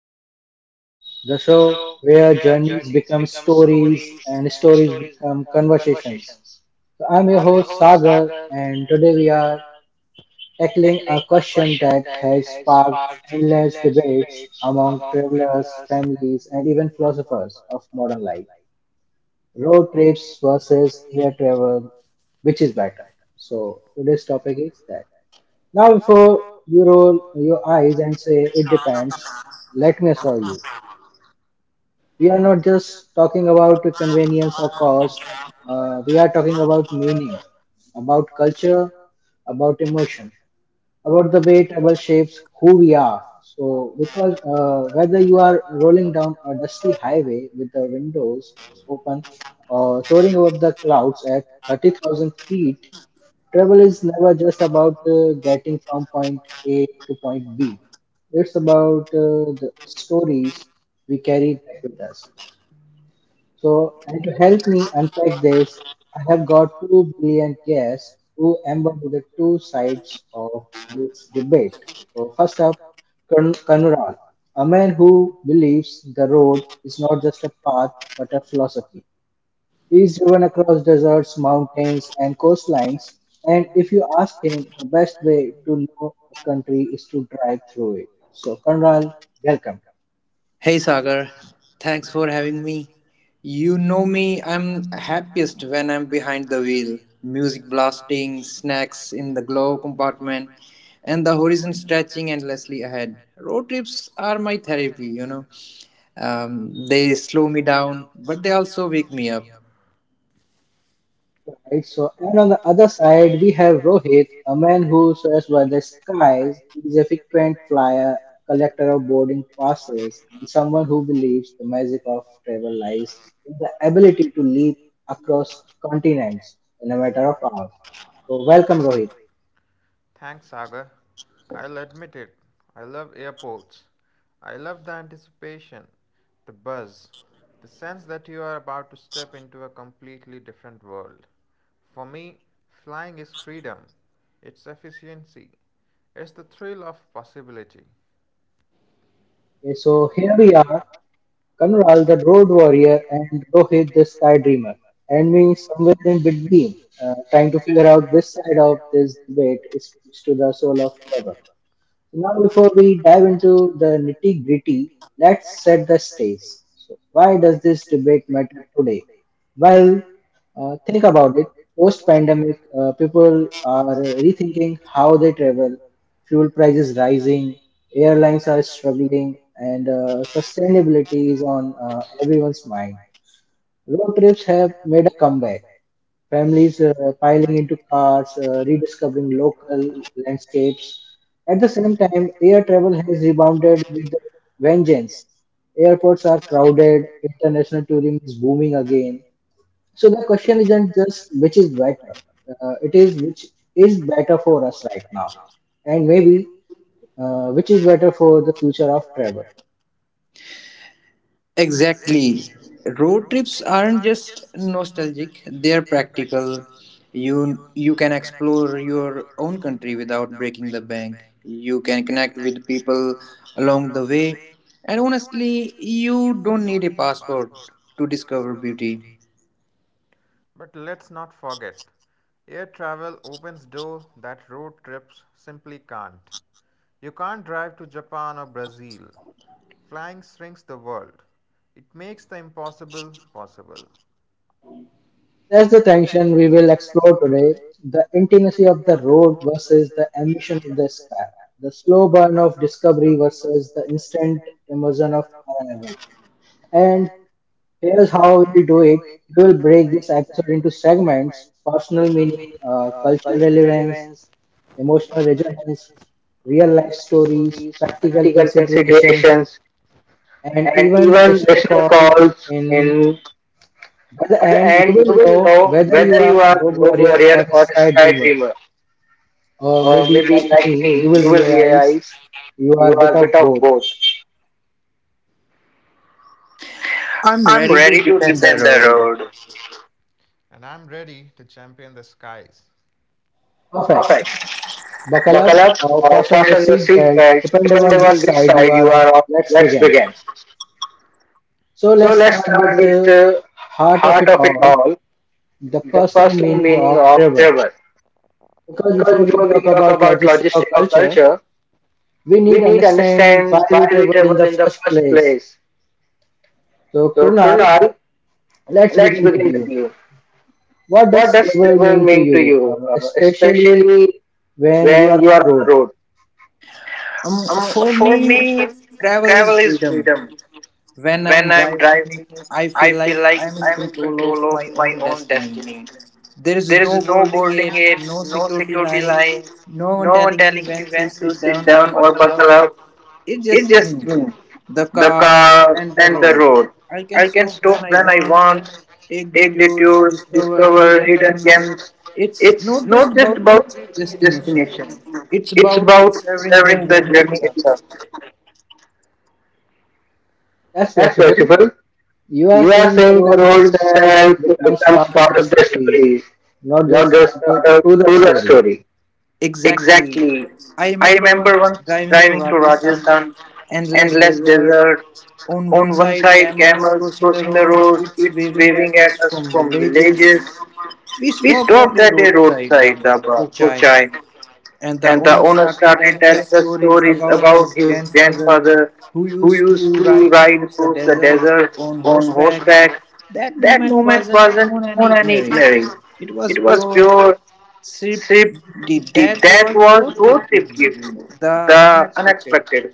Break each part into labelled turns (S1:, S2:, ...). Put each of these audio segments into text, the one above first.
S1: with
S2: Talk with
S1: Viz,
S2: Viz,
S1: the
S2: the
S1: show
S2: show
S1: where
S2: where
S1: journeys
S2: journeys
S1: become
S2: become
S1: stories
S2: stories
S1: and
S2: and
S1: stories
S2: stories
S1: become
S2: become
S1: conversations.
S2: conversations.
S1: So, I'm
S2: So
S1: your
S2: I'm your
S1: host
S2: host
S1: Sagar,
S2: Sagar,
S1: and
S2: and
S1: today we
S2: today we
S1: are
S2: are
S1: tackling a
S2: tackling a
S1: question
S2: question
S1: that
S2: that
S1: has
S2: has
S1: sparked
S2: sparked
S1: endless
S2: endless
S1: debates
S2: debates
S1: among
S2: among
S1: travelers,
S2: travelers and
S1: families, and even philosophers
S2: developers
S1: of
S2: of
S1: modern
S2: modern
S1: life:
S2: life.
S1: road trips versus air travel, which is better? So, today's topic is that. Now,
S2: Now,
S1: before
S2: before
S1: you roll your eyes and say it
S2: the time,
S1: depends, let me assure you we are not just talking about the convenience or cost. We are
S2: uh,
S1: talking about meaning, about culture, about emotion, about the way travel shapes who we
S2: we
S1: are.
S2: are
S1: So, because whether you
S2: you
S1: are
S2: are
S1: rolling
S2: rolling
S1: down
S2: down
S1: a dusty highway with the windows open or soaring above the clouds at 30,000 feet, travel is never just about getting from point A to point B. It's about the stories we carry back with us. So, and to help me unpack this, I have got two brilliant guests who embody the two sides of this debate. So, first up, Kanural,
S2: Anurag,
S1: a man who believes the road is not just a path but a
S2: path
S1: philosophy. He's driven across deserts, mountains, and coastlines, and if you
S2: you
S1: ask
S2: asked
S1: him, the best way to know a country is to drive through
S2: to
S1: it.
S2: it.
S1: So,
S2: So
S1: Kanural, welcome.
S3: Hey Sagar, thanks for having me. You know me, I'm happiest when I'm behind the wheel. Music blasting, snacks in the glove compartment,
S2: apartment
S3: and the
S2: and the
S3: horizon
S2: horizon
S3: stretching
S2: stretching
S3: endlessly
S2: endlessly
S3: ahead.
S2: ahead.
S3: Road
S2: Road
S3: trips
S2: trips
S3: are my therapy. They slow me down, but they also wake me up.
S2: me up.
S1: Right. So, and on the other side, we have Rohit, a man who swears by the skies.
S2: Guys
S1: He's a frequent
S2: fly
S1: flyer,
S2: a
S1: collector of
S2: sector of
S1: boarding
S2: boarding fast.
S1: passes, and someone who believes the magic of travel lies in the ability to leap across continents in a matter of hours. So, welcome, Rohit.
S2: Temporary. Thanks, Sagar. I'll admit it. I love airports. I love the anticipation, the buzz, the sense that you are about to step into a completely different world. For me, flying is freedom, it's efficiency, it's the thrill of possibility.
S1: Okay,
S2: Okay,
S1: so
S2: so
S1: here we are, Kanral,
S2: come
S1: the road warrior, and Rohit, the
S2: this
S1: sky
S2: sky
S1: dreamer,
S2: dreamer
S1: and
S2: and
S1: me somewhere in between, trying to
S2: uh,
S1: figure out which side of this debate speaks to the soul of travel. Now, before we dive into the nitty gritty, let's set the stage.
S2: so
S1: So, why
S2: why
S1: does
S2: the
S1: this debate matter today? Well,
S2: why
S1: think about it. Post pandemic, people
S2: are
S1: are rethinking how they
S2: how
S1: travel, fuel
S2: the.
S1: prices rising,
S2: Yeah,
S1: airlines are struggling, and sustainability is on everyone's
S2: uh,
S1: mind.
S2: smile.
S1: Road trips have made a comeback. Families piling into cars,
S2: Uh,
S1: rediscovering local landscapes. At the same time, air travel has rebounded with
S2: when
S1: vengeance.
S2: it's
S1: Airports are crowded, international tourism is booming again. So the
S2: uh,
S1: question isn't just which is better, it is which is better for
S2: for
S1: us
S2: us
S1: right
S2: right
S1: now,
S2: now,
S1: and
S2: and
S1: maybe which
S2: uh,
S1: is
S2: which
S1: better for the
S2: for the
S1: future of
S2: future of
S1: travel.
S2: travel.
S3: Exactly. Road trips
S2: So,
S3: aren't
S2: aren't
S3: just nostalgic, they're practical. You can
S2: you can explore
S3: explore your own country without breaking the bank. You can connect with people along the way. And
S2: and
S3: honestly,
S2: honestly
S3: you
S2: you
S3: don't need
S2: don't
S3: a
S2: need a
S3: passport
S2: passport
S3: to
S2: to
S3: discover
S2: discover
S3: beauty.
S2: beauty. But let's not forget, air travel opens doors that road trips simply can't. You can't drive to Japan or Brazil. Flying shrinks the world. It makes the impossible possible.
S1: That's the
S2: That's the
S1: tension we will explore today: the intimacy of the road
S2: road
S1: versus the ambition of
S2: mission
S1: the
S2: was
S1: sky,
S2: back.
S1: the slow
S2: No
S1: burn of
S2: burn of
S1: discovery versus the
S2: says
S1: instant
S2: distant
S1: immersion of
S2: version of
S1: arrival.
S2: carnival.
S1: And
S2: And
S1: here's
S2: here's
S1: how we
S2: how
S1: will do
S2: we do
S1: it.
S2: it
S1: We will break
S2: in
S1: this episode into segments:
S2: segments
S1: personal
S2: personal
S1: meaning,
S2: meaning,
S1: cultural
S2: cultural
S1: relevance,
S2: relevance,
S1: emotional
S2: emotional
S1: resonance, real
S2: real
S1: life
S2: life
S1: stories,
S2: stories,
S1: practical
S2: practical considerations,
S1: considerations,
S2: and
S1: and
S2: even
S1: even listener
S2: listener calls.
S1: calls in.
S2: In
S1: By
S2: by
S1: the
S2: the
S1: end,
S2: end,
S1: you
S2: you will
S1: will
S2: know
S1: know
S2: whether
S1: whether
S2: you
S1: you are
S2: are a
S1: road
S2: rogue warrior
S1: warrior
S2: or
S1: or a
S2: a
S1: sky
S2: sky dreamer,
S1: dreamer, or
S2: or maybe
S1: maybe like
S2: like
S1: me,
S2: me,
S1: you
S2: you will
S1: will
S2: realize
S1: realize you
S2: you are
S1: are
S2: a
S1: a
S2: bit
S1: bit
S2: of
S1: of both.
S2: both.
S3: I'm
S2: I'm
S3: ready
S2: ready
S3: to
S2: to
S3: defend
S2: defend
S3: the
S2: the
S3: road.
S2: road. And I'm ready to champion the skies.
S1: Perfect.
S2: Perfect. Buckle
S1: Buckle
S2: up
S1: up or
S2: or
S1: fasten
S2: fasten your
S1: your seat
S2: seatbelt,
S1: belt,
S2: depending
S1: depending
S2: on
S1: on
S2: which
S1: which side
S2: side you
S1: you
S2: are
S1: are on.
S2: on.
S1: Let's
S2: Let's
S1: begin.
S2: begin.
S1: So
S2: So
S1: let's
S2: let's
S1: start
S2: start
S1: with
S2: with
S1: the
S2: the
S1: heart of
S2: heart
S1: it
S2: of it
S1: all,
S2: all,
S1: the
S2: the
S1: personal
S2: personal
S1: meaning
S2: meaning
S1: of
S2: of
S1: travel.
S2: travel.
S1: Because
S2: Because
S1: before we
S2: before
S1: talk
S2: we talk
S1: about
S2: about
S1: logistics or
S2: logistics or
S1: culture,
S2: culture,
S1: we need
S2: we
S1: to
S2: need to
S1: understand why
S2: understand why
S1: we
S2: we
S1: travel
S2: travel
S1: in the
S2: in the
S1: first
S2: first
S1: place.
S2: place.
S1: So
S2: So,
S1: Krunal,
S2: Krunal,
S1: let's
S2: let's
S1: begin with
S2: begin with
S1: you.
S2: you.
S1: What
S2: What
S1: does
S2: does
S1: travel
S2: travel
S1: mean to
S2: mean to
S1: you,
S2: you,
S1: especially
S2: especially
S1: when you
S2: when
S1: are
S2: you
S1: on
S2: are on
S1: the
S2: the
S1: road?
S2: road? Um,
S3: For
S2: for
S3: me,
S2: me,
S3: travel
S2: travel is
S3: is freedom.
S2: freedom.
S3: When
S2: When I'm
S3: I'm driving,
S2: driving,
S3: I
S2: I
S3: feel
S2: feel
S3: like
S2: like
S3: I'm
S2: I'm
S3: in
S2: in
S3: control
S2: control
S3: of
S2: of my
S3: my own
S2: own
S3: destiny.
S2: destiny. There
S3: There
S2: is
S3: is
S2: no
S3: no
S2: boarding
S3: boarding
S2: gate,
S3: gate,
S2: no
S3: no
S2: security
S3: security
S2: line,
S3: line, no
S2: no one
S3: one
S2: telling
S3: telling
S2: me
S3: me
S2: when
S3: when
S2: to
S3: to
S2: sit
S3: sit
S2: down or buckle up. It's just me,
S3: me. The
S2: the
S3: car.
S2: car, and the road. I can stop when I want, take detours, discover hidden gems.
S3: It's
S2: It's
S3: not
S2: not just
S3: just about
S2: about
S3: reaching
S2: reaching
S3: a
S2: a
S3: destination.
S2: destination, it's
S3: It's about
S2: about savoring the journey
S3: journey itself.
S2: itself.
S1: That's
S2: That's merciful.
S1: beautiful.
S2: You
S1: You are
S2: are saying
S1: saying the
S2: the
S1: road
S2: road itself
S1: itself
S2: becomes
S1: becomes part
S2: part of
S1: of
S2: the
S1: the story,
S2: story,
S1: not
S2: not just
S1: just part
S2: part of
S1: of to
S2: to
S1: the
S2: the
S1: story.
S2: story. Exactly.
S3: Exactly.
S2: I
S3: I
S2: remember once
S3: driving
S2: driving
S3: through
S2: through
S3: Rajasthan,
S2: Rajasthan, endless
S3: endless
S2: desert,
S3: desert.
S2: on
S3: On
S2: one
S3: one
S2: side
S3: side,
S2: camels
S3: camels
S2: crossing
S3: crossing
S2: the
S3: the road.
S2: road, kids
S3: It's
S2: waving
S3: waving
S2: at
S3: at
S2: us
S3: us
S2: from
S3: from village.
S2: villages. We
S3: We spoke
S2: stopped at a roadside dhaba for chai, and the owner started telling us stories
S3: about
S2: about his
S3: his grandfather
S2: grandfather
S3: who
S2: who used
S3: used to
S2: to ride
S3: ride
S2: across the desert on
S3: horseback.
S2: horseback.
S3: That
S2: That
S3: moment,
S2: moment wasn't on
S3: on and
S2: an itinerary, it was pure
S3: did
S2: Sripti,
S3: that.
S2: that
S3: Road
S2: was Gossip
S3: trip give you?
S2: Giving,
S3: The
S2: the
S3: unexpected.
S2: unexpected,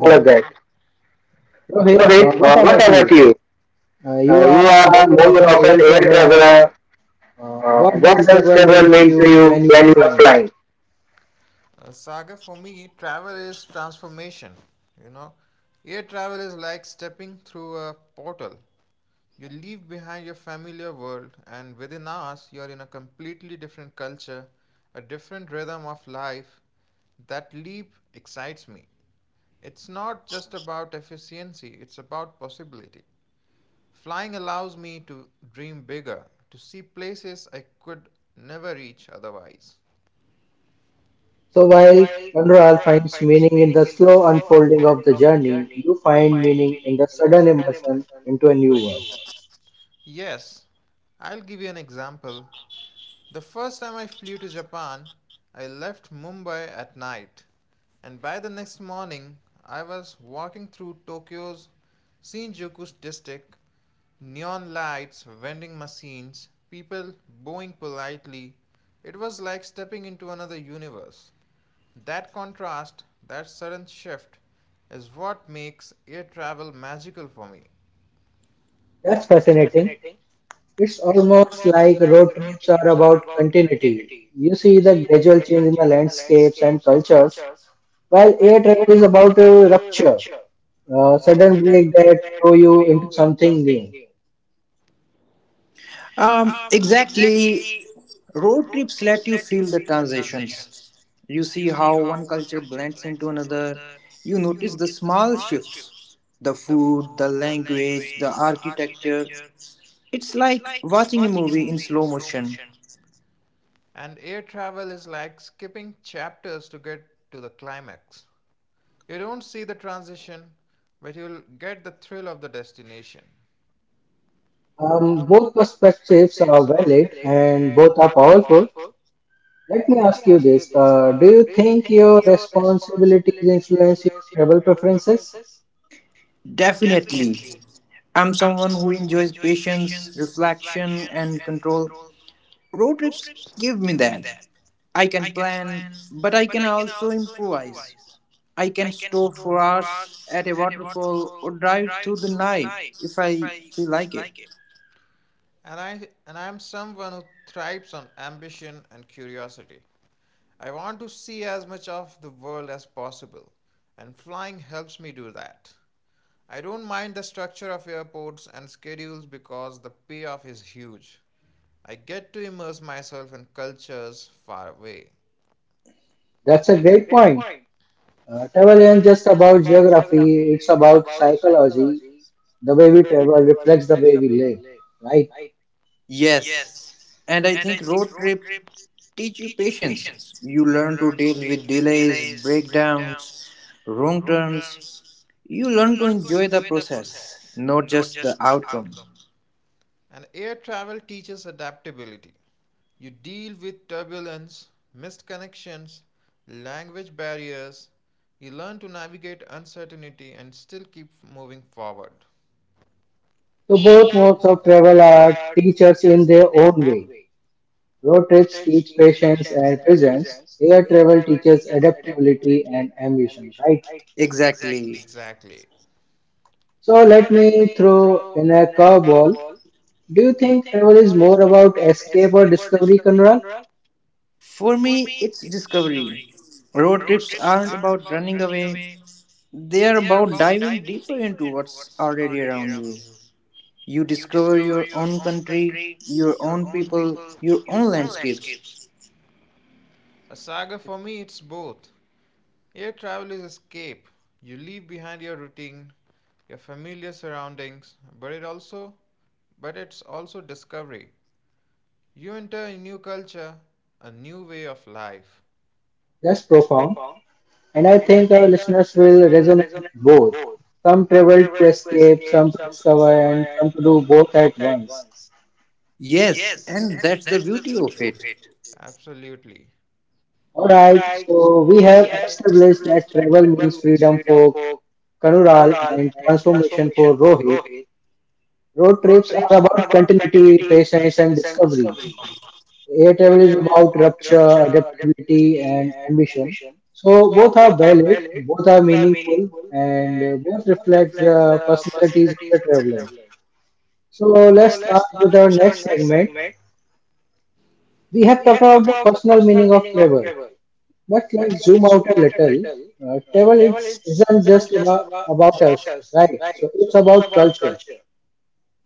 S1: All
S2: all of
S1: of
S2: that.
S1: that. Rohit,
S2: Rohit, what
S1: what
S2: about
S1: about you?
S2: you?
S1: Uh,
S2: You
S1: you are
S2: are
S1: more
S2: more
S1: of
S2: of
S1: an
S2: an
S1: air
S2: air
S1: traveler.
S2: traveler.
S1: What
S2: What does
S1: does travel
S2: travel mean
S1: mean
S2: to
S1: to
S2: you
S1: you when
S2: when you
S1: you
S2: are
S1: are
S2: flying?
S1: flying?
S2: Saga, for me, travel is transformation. You know, air travel is like stepping through a portal. You leave behind your familiar world, and within hours, you're in a completely different culture, a different rhythm of life. That leap excites me. It's not just about efficiency, it's about possibility. Flying allows me to dream bigger, to see places I could never reach otherwise.
S1: So while Conrad finds meaning in the slow unfolding of the journey, you find meaning in the sudden immersion into a new world.
S2: Yes, I'll give you an example. The first time I flew to Japan, I left Mumbai at night, and by the next morning, I was walking through Tokyo's Shinjuku district, neon lights, vending machines, people bowing politely. It was like stepping into another universe. That contrast, that sudden shift, is what makes air travel magical for me.
S1: That's
S2: That's
S1: fascinating.
S2: fascinating.
S1: It's
S2: It's
S1: almost
S2: almost
S1: like
S2: like
S1: road
S2: road
S1: trips are
S2: trips are
S1: about
S2: about
S1: continuity.
S2: continuity
S1: You see
S2: to
S1: the
S2: see the
S1: gradual change
S2: gradual
S1: in the
S2: change in the
S1: landscapes and
S2: landscapes and
S1: cultures,
S2: cultures,
S1: while
S2: while
S1: air
S2: air
S1: travel is
S2: travel is
S1: about
S2: about
S1: a
S2: a
S1: rupture,
S2: rupture,
S1: a sudden
S2: sudden
S1: break
S2: break
S1: that
S2: that
S1: throw
S2: throw
S1: you into
S2: you into
S1: something
S2: something
S1: new.
S2: new.
S3: Exactly.
S2: Exactly.
S3: Road
S2: Road
S3: trips let
S2: trips
S3: you
S2: let you
S3: feel the transitions.
S2: transitions.
S3: You
S2: You
S3: see
S2: see
S3: how
S2: how
S3: one
S2: one
S3: culture
S2: culture
S3: blends
S2: blends
S3: into
S2: into
S3: another.
S2: another.
S3: You
S2: You
S3: notice the small
S2: small
S3: shifts,
S2: shifts,
S3: the food, the
S2: the
S3: language, the
S2: language, the
S3: architecture.
S2: architecture.
S3: It's
S2: It's
S3: like
S2: like
S3: watching a
S2: watching a
S3: movie in
S2: movie in
S3: slow
S2: slow
S3: motion.
S2: motion. And air travel is like skipping chapters to get to the climax. You don't see the transition, but you'll get the thrill of the destination.
S1: Both
S2: Both
S1: perspectives are
S2: perspectives are
S1: valid
S2: valid
S1: and both
S2: and
S1: are
S2: both are
S1: powerful.
S2: powerful.
S1: Let me
S2: Let me
S1: ask you
S2: ask you
S1: this:
S2: this,
S1: Do you
S2: do you
S1: think
S2: think
S1: your
S2: your
S1: responsibilities
S2: responsibilities
S1: influence your
S2: influence your
S1: travel
S2: travel
S1: preferences?
S2: preferences?
S3: Definitely.
S2: Definitely.
S3: I'm
S2: I'm
S3: someone who
S2: someone
S3: enjoys
S2: with
S3: patience,
S2: patience,
S3: reflection,
S2: reflection,
S3: and
S2: and
S3: control.
S2: control.
S3: Road
S2: Road
S3: trips
S2: trips
S3: give me
S2: give me
S3: that.
S2: that.
S3: I
S2: I
S3: can
S2: can
S3: plan,
S2: plan,
S3: but I
S2: but
S3: can
S2: I can
S3: also
S2: also
S3: improvise.
S2: improvise.
S3: I can
S2: I can
S3: stop
S2: stop
S3: for
S2: for
S3: hours at
S2: hours
S3: a
S2: at a
S3: waterfall or
S2: waterfall or
S3: drive
S2: drive
S3: through the
S2: through the
S3: night
S2: night
S3: if
S2: if
S3: I
S2: I
S3: feel
S2: she
S3: like it.
S2: like it. And I'm someone who thrives on ambition and curiosity. I want to see as much of the world as possible, and flying helps me do that. I don't mind the structure of airports and schedules because the payoff is huge. I get to immerse myself in cultures far away.
S1: That's a
S2: That's a
S1: great
S2: great
S1: point.
S2: point.
S1: Uh, travel isn't
S2: Travel
S1: just
S2: isn't just
S1: about
S2: about
S1: geography;
S2: geography,
S1: it's
S2: it's
S1: about
S2: about
S1: psychology.
S2: psychology.
S1: The way
S2: The
S1: we
S2: way we
S1: travel
S2: travel
S1: reflects the
S2: reflects
S1: way
S2: the
S1: we
S2: way
S1: live,
S2: we live,
S1: right?
S2: right?
S3: Yes,
S2: Yes.
S3: and I
S2: And I
S3: think
S2: think
S3: road
S2: road
S3: trips
S2: trips
S3: teach you
S2: teach you patience.
S3: patience. You
S2: You
S3: learn to
S2: learn to
S3: deal
S2: deal
S3: with
S2: with
S3: delays,
S2: delays,
S3: breakdowns,
S2: breakdowns,
S3: wrong
S2: wrong
S3: turns.
S2: turns.
S3: You
S2: You
S3: learn to
S2: learn to
S3: enjoy the
S2: enjoy the
S3: process,
S2: process,
S3: not
S2: not
S3: just the
S2: just the
S3: outcome.
S2: outcome. And air travel teaches adaptability. You deal with turbulence, missed connections, language barriers. You learn to navigate uncertainty and still keep moving forward.
S1: So
S2: So
S1: both
S2: both
S1: modes of
S2: modes of
S1: travel
S2: travel
S1: are
S2: are
S1: teachers
S2: teachers
S1: in their
S2: in their
S1: own
S2: own
S1: way.
S2: way.
S1: Road
S2: Road
S1: trips
S2: trips
S1: teach
S2: teach
S1: patience
S2: patience
S1: and
S2: and
S1: visions.
S2: presence.
S1: Air
S2: Air
S1: travel
S2: travel
S1: teaches
S2: teaches
S1: adaptability
S2: adaptability
S1: and
S2: and
S1: ambition,
S2: ambition,
S1: right?
S2: right? Exactly.
S3: Exactly.
S2: Exactly.
S1: So
S2: So
S1: let
S2: let
S1: me
S2: me
S1: throw
S2: throw
S1: in a
S2: in a
S1: curveball.
S2: curveball.
S1: Do you
S2: Do you
S1: think
S2: think
S1: travel is
S2: travel is
S1: more
S2: more
S1: about
S2: about
S1: escape or
S2: escape or
S1: discovery,
S2: discovery,
S1: Conrad?
S2: Conrad?
S3: For
S2: For
S3: me,
S2: me,
S3: it's discovery.
S2: discovery.
S3: Road
S2: Road
S3: trips
S2: trips
S3: aren't
S2: aren't
S3: about
S2: about
S3: running
S2: running
S3: away,
S2: away.
S3: they are
S2: They are
S3: about
S2: about
S3: diving
S2: diving
S3: deeper
S2: deeper
S3: into
S2: into
S3: what's
S2: what's
S3: already
S2: already
S3: around
S2: around
S3: you.
S2: you.
S3: You
S2: You
S3: discover
S2: discover
S3: your
S2: your
S3: own
S2: own
S3: country,
S2: country,
S3: your
S2: your
S3: own
S2: own
S3: people,
S2: people,
S3: your
S2: your
S3: own
S2: own
S3: landscapes.
S2: landscapes. A saga for me, it's both. Air travel is escape. You leave behind your routine, your familiar surroundings, but it's also discovery. You enter a new culture, a new way of life.
S1: That's
S2: That's
S1: profound.
S2: profound,
S1: And I
S2: and I
S1: think our
S2: think our
S1: listeners
S2: listeners
S1: will
S2: will
S1: resonate with
S2: resonate with
S1: both.
S2: both.
S1: Some
S2: Some
S1: travel to
S2: travel to
S1: escape,
S2: escape,
S1: some to
S2: some to
S1: discover,
S2: discover,
S1: and
S2: and
S1: some to
S2: some
S1: do
S2: to do
S1: both at
S2: both at
S1: once.
S2: once.
S3: Yes,
S2: Yes,
S3: and
S2: and
S3: that's the
S2: that's the
S3: beauty of
S2: beauty of
S3: it.
S2: it. Absolutely. All
S1: Alright,
S2: right,
S1: so we
S2: so we
S1: have
S2: have
S1: established
S2: established
S1: that
S2: that
S1: travel
S2: travel
S1: means
S2: means
S1: freedom
S2: freedom
S1: for
S2: for
S1: Kanural
S2: Kanural
S1: and
S2: and
S1: transformation
S2: transformation
S1: for
S2: for
S1: Rohit.
S2: Rohit.
S1: Road
S2: Road
S1: trips are
S2: trips are
S1: about
S2: about
S1: continuity,
S2: continuity,
S1: patience, and
S2: patience, and
S1: discovery.
S2: discovery.
S1: Air travel
S2: Air
S1: is
S2: travel is
S1: about
S2: about
S1: rupture,
S2: rupture,
S1: adaptability,
S2: adaptability,
S1: and
S2: and
S1: ambition.
S2: ambition.
S1: So
S2: So
S1: both are
S2: both are
S1: valid,
S2: valid,
S1: both are
S2: both are
S1: meaningful,
S2: meaningful,
S1: and
S2: and
S1: both
S2: both
S1: reflect
S2: reflect
S1: the
S2: the
S1: personalities of
S2: personalities
S1: the
S2: of the
S1: traveler.
S2: traveler.
S1: So
S2: So
S1: let's start
S2: let's start
S1: with our
S2: with our
S1: next
S2: next
S1: segment.
S2: segment.
S1: We have
S2: We
S1: talked
S2: have
S1: about
S2: talked
S1: the
S2: about the
S1: personal
S2: personal
S1: meaning of
S2: meaning of
S1: travel.
S2: travel,
S1: But
S2: but
S1: let's zoom
S2: let's
S1: out
S2: zoom
S1: a
S2: out a
S1: little.
S2: little.
S1: Uh, travel
S2: Travel
S1: is,
S2: is,
S1: isn't just
S2: isn't just about,
S1: about
S2: about
S1: us,
S2: us,
S1: right?
S2: right?
S1: So it's
S2: So it's
S1: about
S2: about
S1: culture.
S2: culture.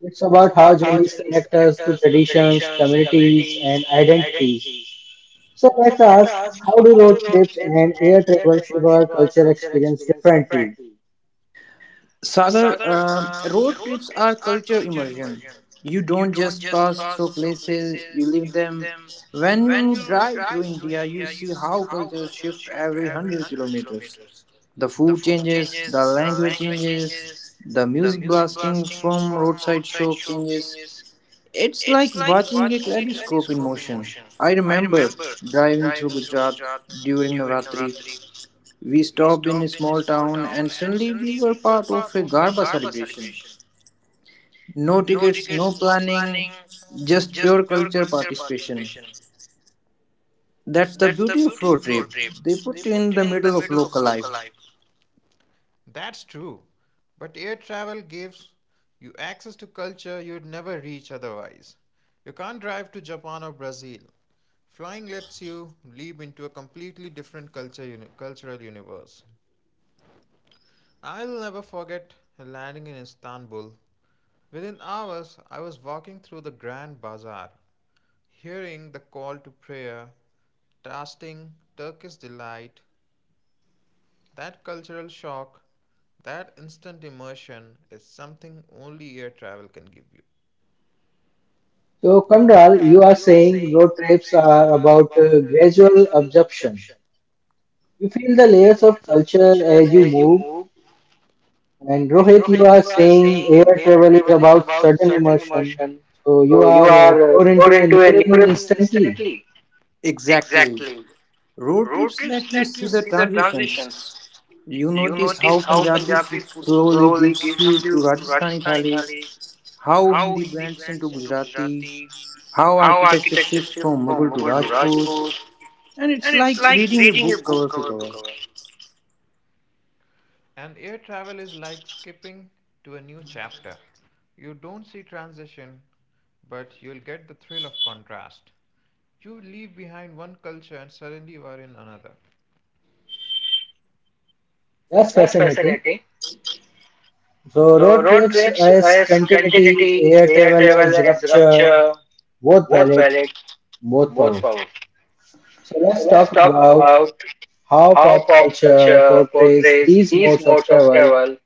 S1: It's
S2: It's
S1: about how
S2: about how
S1: journeys
S2: journeys
S1: connect
S2: connect
S1: us to
S2: us to
S1: traditions,
S2: traditions,
S1: communities,
S2: communities,
S1: and
S2: and
S1: identities.
S2: identities.
S1: So
S2: So
S1: let's
S2: let's
S1: ask,
S2: ask,
S1: how do
S2: how do
S1: road
S2: road
S1: trips
S2: trips
S1: and
S2: and
S1: air
S2: air
S1: travel
S2: travel
S1: shape our
S2: shape our
S1: culture
S2: culture
S1: experience
S2: experience
S1: differently?
S2: differently?
S3: Sagar,
S2: Sagar,
S3: road
S2: road
S3: trips are
S2: trips are
S3: culture
S2: culture
S3: immersion.
S2: immersion.
S3: You
S2: You
S3: don't
S2: don't
S3: just pass
S2: just
S3: through
S2: pass through
S3: places, you
S2: places,
S3: live
S2: you live
S3: them.
S2: them.
S3: When
S2: When
S3: you
S2: you
S3: drive through
S2: drive through
S3: India, you
S2: India, you
S3: see
S2: see
S3: how
S2: how
S3: cultures
S2: cultures
S3: shift
S2: shift
S3: every
S2: every
S3: 100
S2: 100
S3: kilometers.
S2: kilometers.
S3: The
S2: The
S3: food
S2: food
S3: changes, the
S2: changes, the
S3: language
S2: language
S3: changes,
S2: changes,
S3: the
S2: the
S3: music
S2: music
S3: blasting
S2: blasting
S3: from
S2: from
S3: roadside
S2: roadside
S3: shop
S2: shop
S3: changes.
S2: changes.
S3: It's like
S2: It's like
S3: watching a
S2: watching a
S3: kaleidoscope in
S2: kaleidoscope in
S3: motion.
S2: motion.
S3: I
S2: I
S3: remember
S2: remember
S3: driving through
S2: driving through
S3: Gujarat
S2: Gujarat
S3: during
S2: during
S3: Navratri.
S2: Navratri.
S3: We
S2: We
S3: stopped in a
S2: stopped in a
S3: small
S2: small
S3: town and
S2: town and
S3: suddenly we
S2: suddenly
S3: were
S2: we were
S3: part of
S2: part
S3: a
S2: of a
S3: Garba
S2: Garba
S3: celebration.
S2: celebration.
S3: No
S2: No
S3: tickets, no
S2: tickets, no
S3: planning,
S2: planning,
S3: just pure
S2: just pure
S3: culture
S2: culture
S3: participation.
S2: participation.
S3: That's the
S2: That's the
S3: beauty of
S2: beauty
S3: road
S2: of road
S3: trip.
S2: trip.
S3: They
S2: They
S3: put you
S2: put
S3: in
S2: you
S3: the
S2: in the
S3: middle of
S2: middle of
S3: local life.
S2: local life. That's true. But air travel gives you access to culture you'd never reach otherwise. You can't drive to Japan or Brazil. Flying lets you leap into a completely different culture cultural universe. I'll never forget landing in Istanbul. Within hours, I was walking through the Grand Bazaar, hearing the call to prayer, tasting Turkish delight. That cultural shock, that instant immersion, is something only air travel can give you.
S1: So,
S2: So,
S1: Kandral, you
S2: Kamral,
S1: are
S2: you are
S1: saying
S2: saying
S1: road
S2: road
S1: trips
S2: trips
S1: are
S2: are
S1: about
S2: about
S1: gradual
S2: gradual
S1: absorption.
S2: adoption
S1: You feel the layers of
S2: of
S1: culture
S2: culture
S1: as you
S2: as you
S1: move.
S2: move,
S1: And
S2: and
S1: Rohit, you
S2: Rohit,
S1: are
S2: you are
S1: saying
S2: saying
S1: air
S2: air
S1: travel is
S2: travel is
S1: about
S2: about
S1: sudden
S2: sudden
S1: immersion.
S2: immersion.
S1: So you
S2: So, you
S1: are
S2: are
S1: thrown into
S2: thrown
S1: a new
S2: into a new
S1: neuron
S2: rhythm
S1: instantly.
S2: instantly.
S3: Exactly.
S2: Exactly.
S3: Road
S2: Road
S3: trips
S2: trips
S3: let you
S2: let
S3: see
S2: you
S3: the
S2: see the
S3: transitions.
S2: transitions.
S3: You
S2: You
S3: notice how
S2: notice how
S3: Punjabi
S2: Punjabi
S3: food
S2: food
S3: slowly
S2: slowly
S3: gives
S2: gives
S3: you
S2: you
S3: to
S2: to
S3: Rajasthani
S2: Rajasthani
S3: thali,
S2: thali,
S3: how
S2: how
S3: Hindi
S2: Hindi
S3: blends into
S2: blends into
S3: Gujarati,
S2: Gujarati,
S3: how
S2: how
S3: architecture
S2: architecture
S3: shifts
S2: shifts
S3: from Mughal
S2: from
S3: to
S2: Mughal to
S3: Rajput,
S2: Rajput,
S3: and it's
S2: and
S3: like
S2: it's like
S3: reading a
S2: reading a
S3: book
S2: book
S3: cover to
S2: cover to
S3: cover.
S2: cover. And air travel is like skipping to a new chapter. You don't see transition, but you'll get the thrill of contrast. You leave behind one culture and suddenly you are in another.
S1: That's
S2: That's
S1: fascinating.
S2: fascinating.
S1: So
S2: So
S1: road
S2: road
S1: trips
S2: trips
S1: as
S2: as
S1: continuity,
S2: continuity,
S1: air
S2: air
S1: travel
S2: travel
S1: as
S2: as
S1: rupture,
S2: rupture,
S1: both
S2: both
S1: valid,
S2: valid,
S1: both
S2: both
S1: powerful.
S2: powerful.
S1: So
S2: So
S1: let's
S2: let's
S1: talk
S2: talk
S1: about
S2: about
S1: how
S2: how
S1: pop
S2: pop
S1: culture
S2: culture
S1: portrays
S2: portrays
S1: these
S2: these
S1: modes of
S2: modes of
S1: travel.
S2: travel.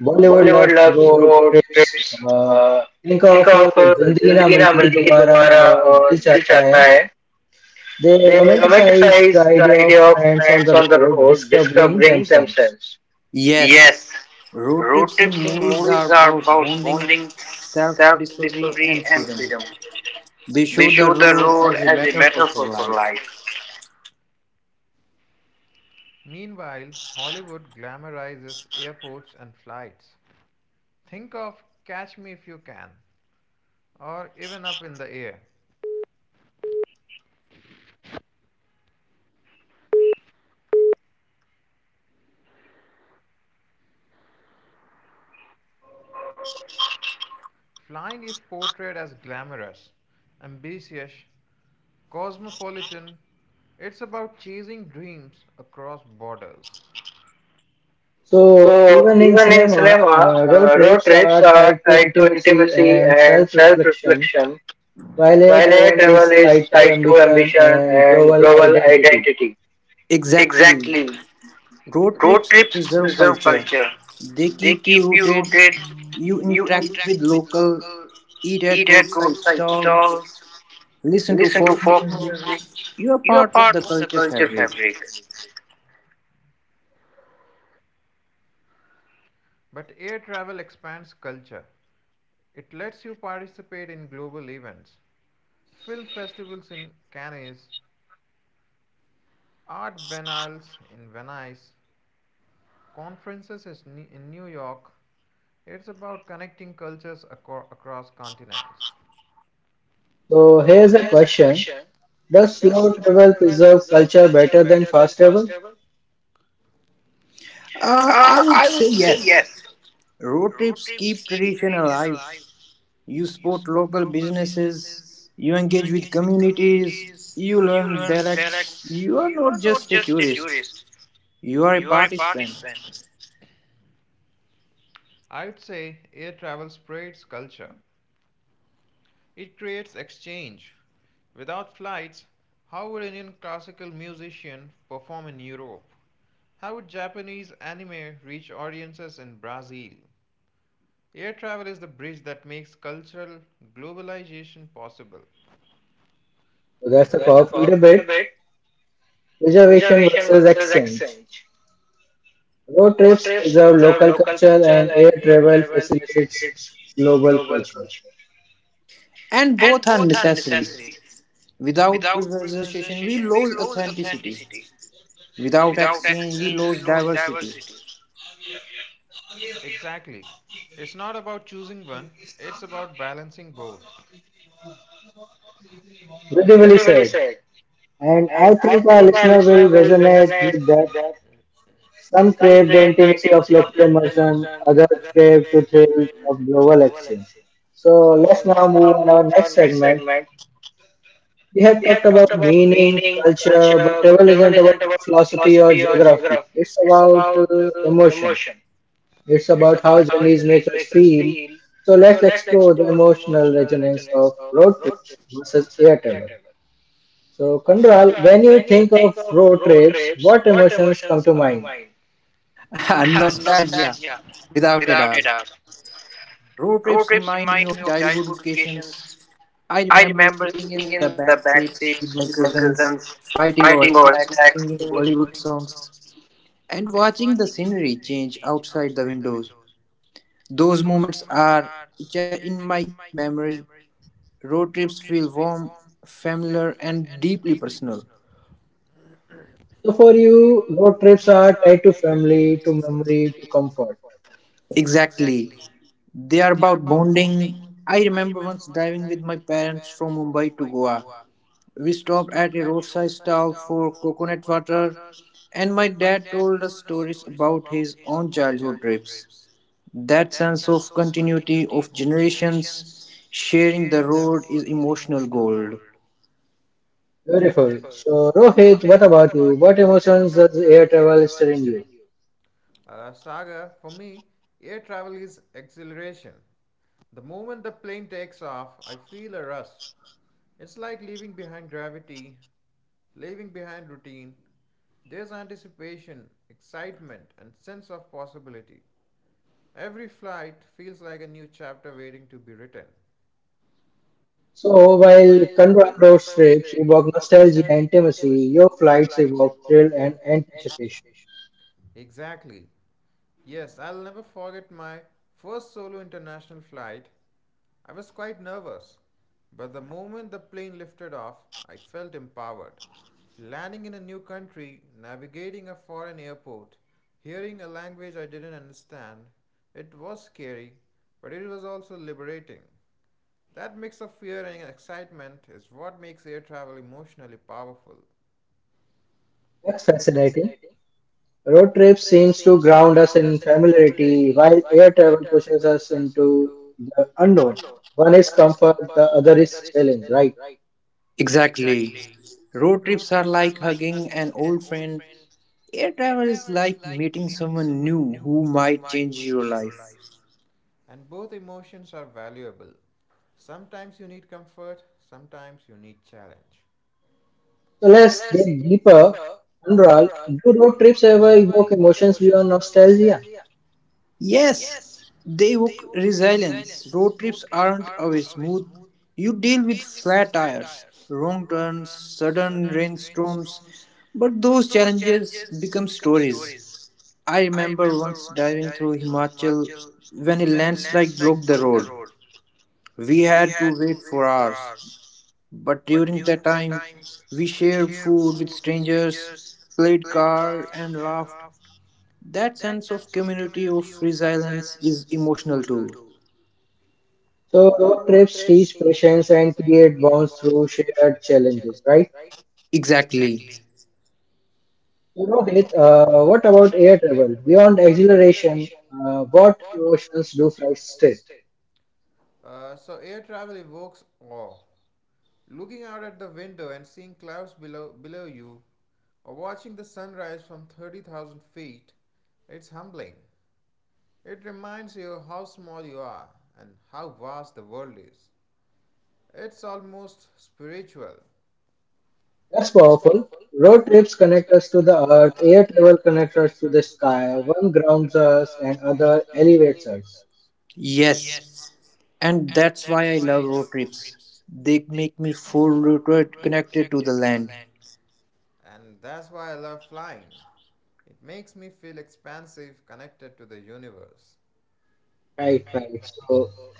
S1: Bollywood
S2: Bollywood
S1: loves
S2: loves
S1: road
S2: road
S1: trips.
S2: trips.
S1: Uh,
S2: Uh,
S1: think of
S2: think of
S1: Zindagi Na
S2: Zindagi Na
S1: Milegi
S2: Milegi
S1: Dobara
S2: Dobara
S1: or Dil
S2: or Dil
S1: Chahta
S2: Chahta
S1: Hai.
S2: Hai.
S1: They
S2: They
S1: romanticize the
S2: romanticize the
S1: idea of
S2: idea of
S1: friends on
S2: friends
S1: the
S2: on the
S1: road
S2: road
S1: discovering
S2: discovering
S1: themselves.
S2: themselves.
S3: Yes,
S2: Yes,
S3: road
S2: road
S3: trips in
S2: trips in
S3: movies are
S2: movies are
S3: about
S2: about
S3: bonding,
S2: bonding,
S3: self
S2: self
S3: discovery, and
S2: discovery, and
S3: freedom.
S2: freedom.
S3: They
S2: They
S3: show the
S2: show the
S3: road
S2: road
S3: as a
S2: as a
S3: metaphor for
S2: metaphor for
S3: life.
S2: life. Meanwhile, Hollywood glamorizes airports and flights. Think of Catch Me If You Can, or even Up in the Air. Flying is portrayed as glamorous, ambitious, cosmopolitan. It's about chasing dreams across borders.
S1: So,
S2: So
S1: even in
S2: even in
S1: cinema,
S2: cinema,
S1: road
S2: road
S1: trips
S2: trips
S1: are
S2: are
S1: tied to
S2: tied to
S1: intimacy
S2: intimacy
S1: and
S2: and
S1: self reflection,
S2: self-reflection,
S1: while air
S2: while air
S1: travel
S2: travel
S1: is
S2: is
S1: tied to
S2: tied to
S1: ambition
S2: ambition
S1: and
S2: and
S1: global
S2: global
S1: identity.
S2: identity.
S3: Exact
S2: Exactly.
S3: road
S2: Road
S3: trips
S2: trips
S3: preserve
S2: preserve
S3: culture,
S2: culture.
S3: they
S2: They
S3: keep you
S2: keep you
S3: rooted.
S2: rooted.
S3: You
S2: You
S3: interact with
S2: interact with
S3: local,
S2: local,
S3: eat at
S2: eat at
S3: roadside
S2: roadside
S3: stalls,
S2: stalls,
S3: listen to
S2: listen to
S3: folk
S2: folk
S3: music.
S2: music.
S3: You are
S2: You are
S3: part of the
S2: part of the
S3: culture.
S2: culture fabric. But air travel expands culture. It lets you participate in global events, film festivals in Cannes, art biennales in Venice, conferences in New York. It's about connecting cultures across continents.
S1: So,
S2: So
S1: here's a
S2: here's a
S1: question:
S2: question.
S1: Does
S2: Does
S1: slow
S2: slow
S1: travel
S2: travel
S1: preserve
S2: preserve
S1: culture
S2: culture
S1: better than
S2: better than
S1: fast
S2: fast
S1: travel?
S2: travel?
S3: I
S2: Uh,
S3: would
S2: I
S3: say
S2: would say
S3: yes.
S2: yes.
S3: Road
S2: Road
S3: trips keep
S2: trips keep
S3: tradition
S2: tradition
S3: alive.
S2: alive.
S3: You
S2: You
S3: support local businesses,
S2: sports,
S3: you engage with
S2: it
S3: communities,
S2: is
S3: you
S2: you
S3: learn
S2: learn
S3: dialects.
S2: dialects.
S3: You are
S2: You are
S3: not
S2: not
S3: just a
S2: just a
S3: tourist,
S2: tourist.
S3: you are a
S2: You are a
S3: participant.
S2: participant. I would say air travel spreads culture. It creates exchange. Without flights, how would Indian classical musician perform in Europe? How would Japanese anime reach audiences in Brazil? Air travel is the bridge that makes cultural globalization possible.
S1: So, that's
S2: So
S1: a
S2: that's a
S1: powerful
S2: powerful
S1: debate.
S2: debate.
S1: Preservation
S2: Reservation
S1: versus
S2: versus
S1: exchange.
S2: exchange.
S1: Road
S2: Road
S1: trips
S2: trips
S1: preserve
S2: preserve
S1: local
S2: local
S1: culture,
S2: culture and
S1: and air
S2: air
S1: travel
S2: travel
S1: facilitates
S2: facilitates
S1: global
S2: global
S1: culture.
S2: culture.
S3: And
S2: And
S3: both are
S2: both are
S3: necessary.
S2: necessary.
S3: Without
S2: Without
S3: privatization, we
S2: preservation, we
S3: lose
S2: lose
S3: authenticity.
S2: authenticity.
S3: Without
S2: Without
S3: exchange, we
S2: exchange, we
S3: lose
S2: lose
S3: diversity.
S2: diversity. Exactly. It's not about choosing one, it's about balancing both.
S1: Beautifully
S2: Beautifully
S1: said.
S2: said.
S1: And
S2: And
S1: I
S2: I
S1: think our
S2: think our
S1: listener will
S2: listener will
S1: resonate with
S2: resonate with
S1: that.
S2: that.
S1: Some
S2: Some
S1: crave the
S2: crave the
S1: intimacy of
S2: intimacy of
S1: local
S2: local
S1: immersion,
S2: immersion,
S1: others
S2: others
S1: crave to
S2: crave to
S1: thrill
S2: thrill
S1: of
S2: of
S1: global
S2: global
S1: action.
S2: exchange.
S1: So
S2: So
S1: let's now
S2: let's
S1: move
S2: now
S1: on
S2: move
S1: our
S2: on our
S1: next
S2: next
S1: segment.
S2: segment,
S1: We have
S2: we
S1: talked
S2: have talked
S1: about
S2: about
S1: meaning,
S2: meaning,
S1: culture, but
S2: culture, but
S1: travel
S2: travel
S1: isn't about
S2: isn't about
S1: philosophy or
S2: philosophy or
S1: geography.
S2: geography.
S1: It's
S2: It's
S1: about
S2: about
S1: emotion.
S2: emotion.
S1: It's
S2: It's
S1: about how
S2: about how
S1: journeys make
S2: journeys
S1: us
S2: make us
S1: feel.
S2: feel.
S1: So
S2: So
S1: let's
S2: let's
S1: explore the
S2: explore the
S1: emotional
S2: emotional
S1: resonance
S2: resonance
S1: of
S2: of
S1: road
S2: road
S1: trips
S2: trips,
S1: versus
S2: with
S1: air
S2: air
S1: travel.
S2: travel.
S1: So,
S2: So
S1: Kandral,
S2: Kandral,
S1: when you
S2: when you
S1: think of
S2: think of
S1: road
S2: road
S1: trips,
S2: trips,
S1: what
S2: what
S1: emotions come
S2: emotions
S1: to
S2: come to
S1: mind?
S2: mind?
S3: And nostalgia,
S2: Nostalgia,
S3: without a
S2: without
S3: doubt.
S2: a doubt.
S3: Road trips
S2: Road
S3: remind me
S2: trips
S3: of
S2: remind me of
S3: childhood
S2: childhood
S3: vacations.
S2: vacations.
S3: I
S2: I
S3: remember
S2: remember
S3: sitting in
S2: sitting in
S3: the
S2: the
S3: back
S2: back
S3: seats with my
S2: seats with my
S3: cousins,
S2: cousins,
S3: fighting over
S2: fighting over
S3: snacks,
S2: snacks,
S3: singing
S2: singing
S3: Bollywood songs, and watching the scenery change outside the windows. Those moments are etched in
S2: picture
S3: my
S2: in my
S3: memory.
S2: memory.
S3: Road trips
S2: Road
S3: feel
S2: trips feel
S3: warm,
S2: warm.
S3: familiar, and deeply personal.
S1: So, for you,
S2: You
S1: road
S2: are
S1: trips are tied to
S2: family
S1: family, to
S2: to
S1: memory, to
S2: memory to
S1: comfort.
S2: comfort.
S3: Exactly. They are
S2: They are
S3: about
S2: about
S3: bonding. I remember once driving with my parents from
S2: parents
S3: Mumbai to Goa.
S2: who are
S3: We stopped at a roadside
S2: pissed
S3: stall for coconut water, and my
S2: and
S3: dad
S2: dad
S3: told us stories about his own childhood trips.
S2: trips.
S3: That
S2: That
S3: sense
S2: sense
S3: of continuity of generations sharing the
S2: sharing the
S3: road
S2: road
S3: is
S2: is
S3: emotional
S2: emotional
S3: gold.
S2: gold.
S1: Beautiful.
S2: Beautiful.
S1: So,
S2: So
S1: Rohit, what
S2: Rohit, what
S1: about you?
S2: about
S1: What
S2: you? What
S1: emotions does
S2: emotions does
S1: air
S2: air
S1: travel
S2: travel
S1: stir in
S2: stir
S1: you?
S2: in you? Saga, for me, air travel is exhilaration. The moment the plane takes off, I feel a rush. It's like leaving behind gravity, leaving behind routine. There's anticipation, excitement, and sense of possibility. Every flight feels like a new chapter waiting to be written.
S1: So,
S2: So
S1: while
S2: while
S1: Kandral road
S2: convert road
S1: trips
S2: trips
S1: evoke
S2: evoke
S1: nostalgia and
S2: nostalgia and
S1: intimacy, your
S2: intimacy,
S1: flights
S2: flights
S1: evoke thrill
S2: thrill
S1: and
S2: and
S1: anticipation.
S2: anticipation. Exactly. Yes, I'll never forget my first solo international flight. I was quite nervous, but the moment the plane lifted off, I felt empowered. Landing in a new country, navigating a foreign airport, hearing a language I didn't understand, it was scary, but it was also liberating. That mix of fear and excitement is what makes air travel emotionally powerful.
S1: That's
S2: Air travel
S1: fascinating. Road trips seems to
S2: seems to
S1: ground us
S2: ground
S1: in
S2: us in
S1: familiarity,
S2: familiarity,
S1: while
S2: while
S1: air
S2: air
S1: travel
S2: travel
S1: pushes
S2: pushes
S1: us
S2: us
S1: into
S2: into
S1: the unknown.
S2: unknown.
S1: One is
S2: One is
S1: comfort,
S2: comfort,
S1: the
S2: the
S1: other
S2: other
S1: is
S2: is
S1: challenge,
S2: challenge,
S1: right?
S2: right?
S3: Exactly.
S2: Exactly.
S3: Road trips are
S2: Are
S3: like
S2: like a
S3: hugging an old friend.
S2: friend,
S3: Air travel is
S2: whatever is
S3: like
S2: like
S3: meeting someone new who might
S2: my
S3: change your life.
S2: life. And both emotions are valuable. Sometimes you need comfort, sometimes you need challenge.
S1: So
S2: So
S1: let's
S2: let's
S1: dig
S2: dig
S1: deeper.
S2: deeper.
S1: Anral,
S2: Anurag,
S1: do road trips
S2: road trips
S1: ever
S2: ever
S1: evoke
S2: evolves
S1: emotions beyond
S2: beyond
S1: nostalgia?
S2: nostalgia.
S3: Yes,
S2: Yes,
S3: they evoke resilience.
S2: resilience.
S3: Road
S2: Road
S3: trips
S2: trips
S3: aren't
S2: aren't
S3: always smooth. You deal with flat
S2: flat
S3: tires,
S2: tires,
S3: wrong turns, sudden
S2: turns,
S3: rainstorms,
S2: storms,
S3: but
S2: but
S3: those
S2: those
S3: challenges
S2: challenges
S3: become
S2: become
S3: stories.
S2: stories.
S3: I
S2: I
S3: remember
S2: remember
S3: once
S2: once
S3: driving
S2: driving
S3: through
S2: through
S3: Himachal
S2: Himachal.
S3: when a
S2: The
S3: landslide
S2: landslide
S3: blocked the
S2: broke the
S3: road.
S2: road.
S3: We
S2: We
S3: had to
S2: had to
S3: wait
S2: wait
S3: for
S2: for
S3: hours,
S2: hours.
S3: but during that
S2: During that
S3: time,
S2: time,
S3: we
S2: we
S3: shared
S2: shared
S3: food with
S2: with
S3: strangers,
S2: strangers,
S3: played
S2: played
S3: cards, and
S2: cards, and
S3: laughed.
S2: laughed.
S3: That
S2: That
S3: sense of
S2: sense of
S3: community
S2: community
S3: of resilience
S2: resilience
S3: is
S2: is
S3: emotional
S2: emotional
S3: too.
S2: too.
S1: So
S2: So
S1: road
S2: road
S1: trips
S2: trips
S1: teach patience and create bonds
S2: was
S1: through
S2: through
S1: shared challenges, right?
S3: Exactly.
S1: So Rohit, what
S2: uh,
S1: about air travel? Beyond exhilaration,
S2: operation,
S1: what
S2: what
S1: emotions do flights stir?
S2: still? So air travel evokes awe. Looking out at the window and seeing clouds below you, or watching the sunrise from 30,000 feet, it's humbling. It reminds you how small you are and how vast the world is. It's almost spiritual.
S1: That's
S2: That's
S1: powerful.
S2: powerful.
S1: Road trips connect us to
S2: To
S1: the
S2: the
S1: earth,
S2: earth,
S1: air travel connects us to the sky,
S2: sky,
S1: one
S2: one
S1: grounds
S2: grounds
S1: us and
S2: us,
S1: other
S2: other
S1: elevates us.
S2: anchors. Yes.
S3: Yes. And that's
S2: That's
S3: why I
S2: why
S3: love
S2: I
S3: road trips.
S2: lives.
S3: They make me feel rooted, connected to the land.
S2: And that's why I love flying. It makes me feel expansive, connected to the universe.
S1: Right,
S2: Right,
S1: right.
S2: right.
S1: So
S2: So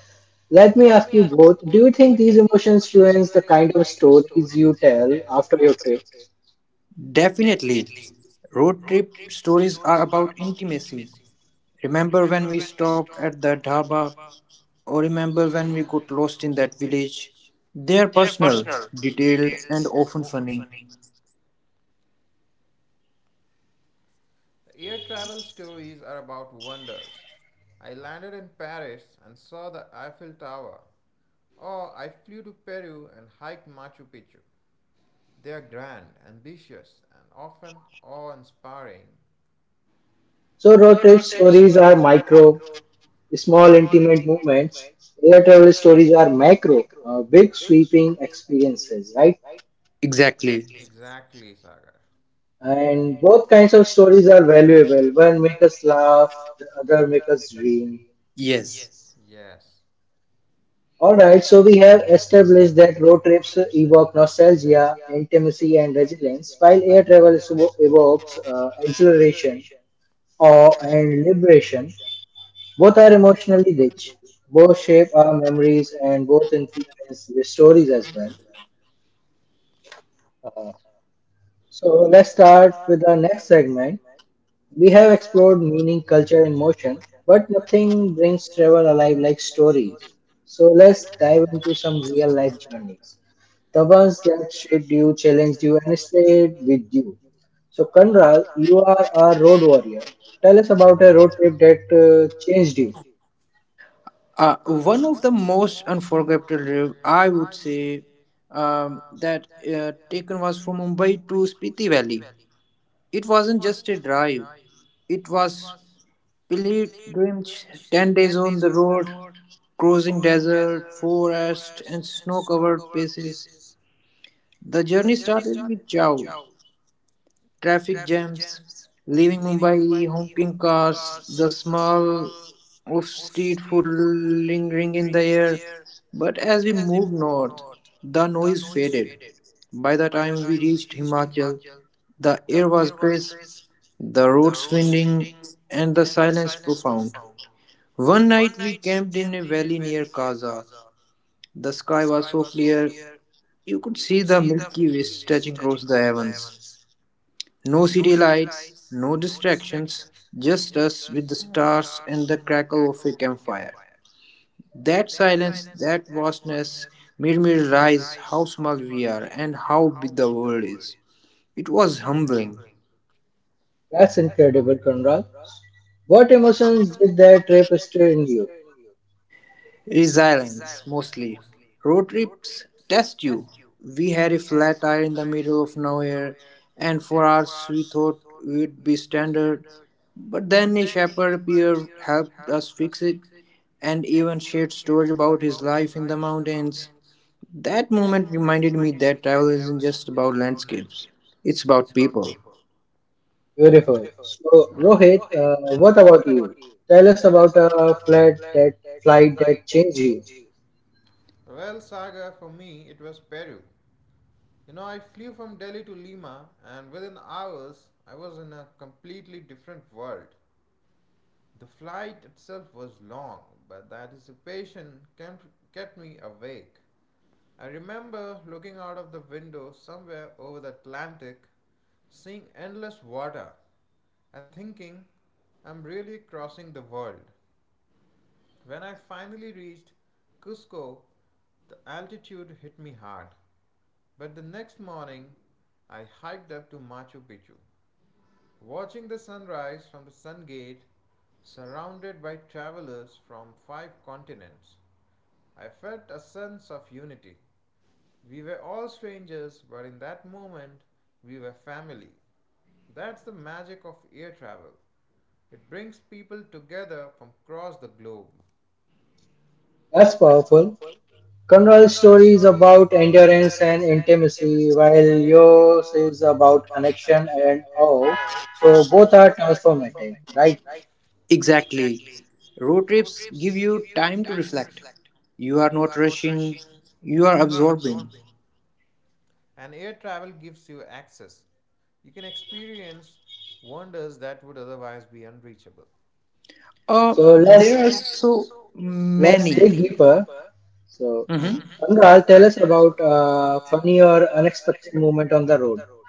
S1: let me
S2: let
S1: ask
S2: me
S1: you
S2: ask you:
S1: both, do you
S2: do
S1: think
S2: you
S1: these
S2: think
S1: emotions
S2: oceans
S1: influence the
S2: influence the
S1: kind of
S2: kind of story
S1: stories you
S2: you
S1: tell
S2: tell
S1: after your
S2: after
S1: trips?
S2: death?
S3: Definitely. Road trip stories are
S2: Stories are
S3: about
S2: about
S3: intimacy.
S2: intimacy.
S3: Remember
S2: Remember
S3: when we
S2: when we
S3: stopped at
S2: stopped
S3: the
S2: at the
S3: dhaba,
S2: dhaba,
S3: or
S2: or
S3: remember when
S2: remember
S3: we
S2: when we
S3: got
S2: got
S3: lost in
S2: lost in
S3: that
S2: that
S3: village?
S2: village?
S3: They are
S2: They are
S3: personal,
S2: personal,
S3: detailed,
S2: detailed,
S3: and
S2: and
S3: often
S2: often
S3: funny.
S2: funny. Air travel stories are about wonders. I landed in Paris and saw the Eiffel Tower. Or I flew to Peru and hiked Machu Picchu. They are grand, ambitious, and often awe inspiring.
S1: So road
S2: So
S1: trip
S2: road trip
S1: stories are
S2: stories are
S1: micro,
S2: micro
S1: small intimate movements.
S2: moments.
S1: Air travel stories are
S2: These are
S1: macro,
S2: uh,
S1: big sweeping
S2: building.
S1: experiences, right?
S3: Exactly.
S2: Exactly. Exactly, Sagar.
S1: And
S2: And
S1: both kinds of stories are valuable,
S2: well,
S1: one make
S2: one
S1: us
S2: makes
S1: laugh,
S2: laugh,
S1: the other make
S2: other
S1: us dream.
S3: Yes.
S2: makes. Yes.
S1: Alright, so we have established that road trips evoke nostalgia,
S2: Yeah, and
S1: intimacy, and resilience, while air
S2: while it
S1: travel is- evokes
S2: evokes
S1: exhilaration,
S2: exhilaration,
S1: awe,
S2: or
S1: and liberation. Both are emotionally rich. Both shape our
S2: um,
S1: memories and both influence the stories as well. Uh, so let's start
S2: start
S1: with our next segment. We have
S2: we have
S1: explored meaning, culture, and motion, but nothing brings
S2: brings
S1: travel
S2: to
S1: alive like
S2: alive like so
S1: stories. So let's dive
S2: dive
S1: into some real life journeys, the
S2: the
S1: ones
S2: ones
S1: that
S2: that
S1: shaped
S2: should
S1: you,
S2: challenge
S1: challenged you, and stayed with you.
S2: you
S1: So, Kanral, you
S2: who
S1: are a
S2: are our
S1: road
S2: role
S1: warrior. Tell us about a road trip that changed you.
S3: One of the most unforgettable, trip, I would say, that taken was from Mumbai to Spiti Valley. It wasn't just a drive; it was pilgrimage. 10 days on the road, crossing desert,
S2: desert,
S3: forest, and
S2: forest, and snow
S3: snow-covered
S2: covered.
S3: places. The journey
S2: We
S3: started
S2: started
S3: with chow,
S2: Chow,
S3: traffic
S2: traffic
S3: jams,
S2: jams,
S3: leaving Mumbai, honking cars,
S2: cars,
S3: the
S2: the small
S3: smell of
S2: of
S3: street
S2: steam
S3: food lingering in the
S2: in the
S3: air.
S2: air.
S3: But
S2: But
S3: as we
S2: as we
S3: moved
S2: moved
S3: north,
S2: north,
S3: the noise faded. By the time
S2: that time
S3: we reached Himachal,
S2: Machair
S3: the air was
S2: was.
S3: crisp, the
S2: The
S3: roads
S2: roads
S3: winding, and the
S2: and the
S3: silence
S2: silence.
S3: profound. One
S2: One
S3: night we
S2: night we
S3: camped in a
S2: camped
S3: valley near
S2: near
S3: Kaza.
S2: Gaza.
S3: The
S2: The
S3: sky was
S2: sky
S3: so
S2: was
S3: clear
S2: clear.
S3: you could see the
S2: See the
S3: Milky Way
S2: Milky Way
S3: stretching
S2: stretched
S3: across the
S2: to the
S3: heavens.
S2: heavens.
S3: No city
S2: We
S3: lights,
S2: light
S3: no distractions, just us with the stars and the crackle of a campfire.
S2: fire.
S3: That silence, that vastness made me realize how small we are and
S2: And
S3: how big
S2: how,
S3: the world is. It was humbling.
S1: That's incredible, Kanral.
S2: Conrad?
S1: What emotions did that trip stir in you?
S3: Resilience, mostly. Road trips test you. We had a flat tire in the middle of nowhere, and for
S2: For
S3: hours
S2: our
S3: we thought we'd be standard. But then a shepherd appeared, helped us fix it, and even shared stories about his life in the mountains. That moment reminded me that travel isn't just about landscapes, it's about people.
S2: people.
S1: Beautiful. So,
S2: So,
S1: Rohit,
S2: Rohit,
S1: what
S2: what
S1: about
S2: about
S1: you?
S2: you?
S1: Tell us
S2: Tell us
S1: about
S2: about
S1: a
S2: a flight that
S1: flight
S2: flight
S1: that
S2: that
S1: changed you.
S2: changed you. Well, Sagar, for me, it was Peru. You know, I flew from Delhi to Lima, and within hours, I was in a completely different world. The flight itself was long, but the anticipation kept me awake. I remember looking out of the window somewhere over the Atlantic, seeing endless water, and thinking, I'm really crossing the world. When I finally reached Cusco, the altitude hit me hard. But the next morning, I hiked up to Machu Picchu. Watching the sunrise from the Sun Gate, surrounded by travelers from five continents, I felt a sense of unity. We were all strangers, but in that moment, we were family. That's the magic of air travel. It brings people together from across the globe.
S1: That's
S2: That's
S1: powerful.
S2: powerful.
S1: Conrad's story is
S2: Conversation
S1: about
S2: about
S1: endurance
S2: endurance,
S1: and
S2: and
S1: intimacy, while
S2: while
S1: yours
S2: yours
S1: is
S2: is
S1: about
S2: about
S1: connection
S2: connection
S1: and
S2: and
S1: awe.
S2: all.
S1: So
S2: So
S1: both are
S2: both are
S1: transformative,
S2: transformative,
S1: right?
S2: right?
S3: Exactly.
S2: Exactly.
S3: Road trips give you time to
S2: Time
S3: reflect. You are not rushing, you are
S2: you are observing.
S3: absorbing.
S2: And air travel gives you access. You can experience wonders that would otherwise be unreachable. Oh,
S1: So let's
S3: There are
S2: so
S3: so
S2: so
S1: let's
S3: many.
S2: many
S1: dig deeper.
S2: people. So
S1: So
S3: Mhm.
S1: Conrad, tell
S2: Anurag,
S1: us
S2: tell us
S1: about
S2: about
S1: a funny
S2: funny
S1: or
S2: or
S1: unexpected
S2: unexpected
S1: moment on
S2: moves
S1: the
S2: on the
S1: road.
S2: road.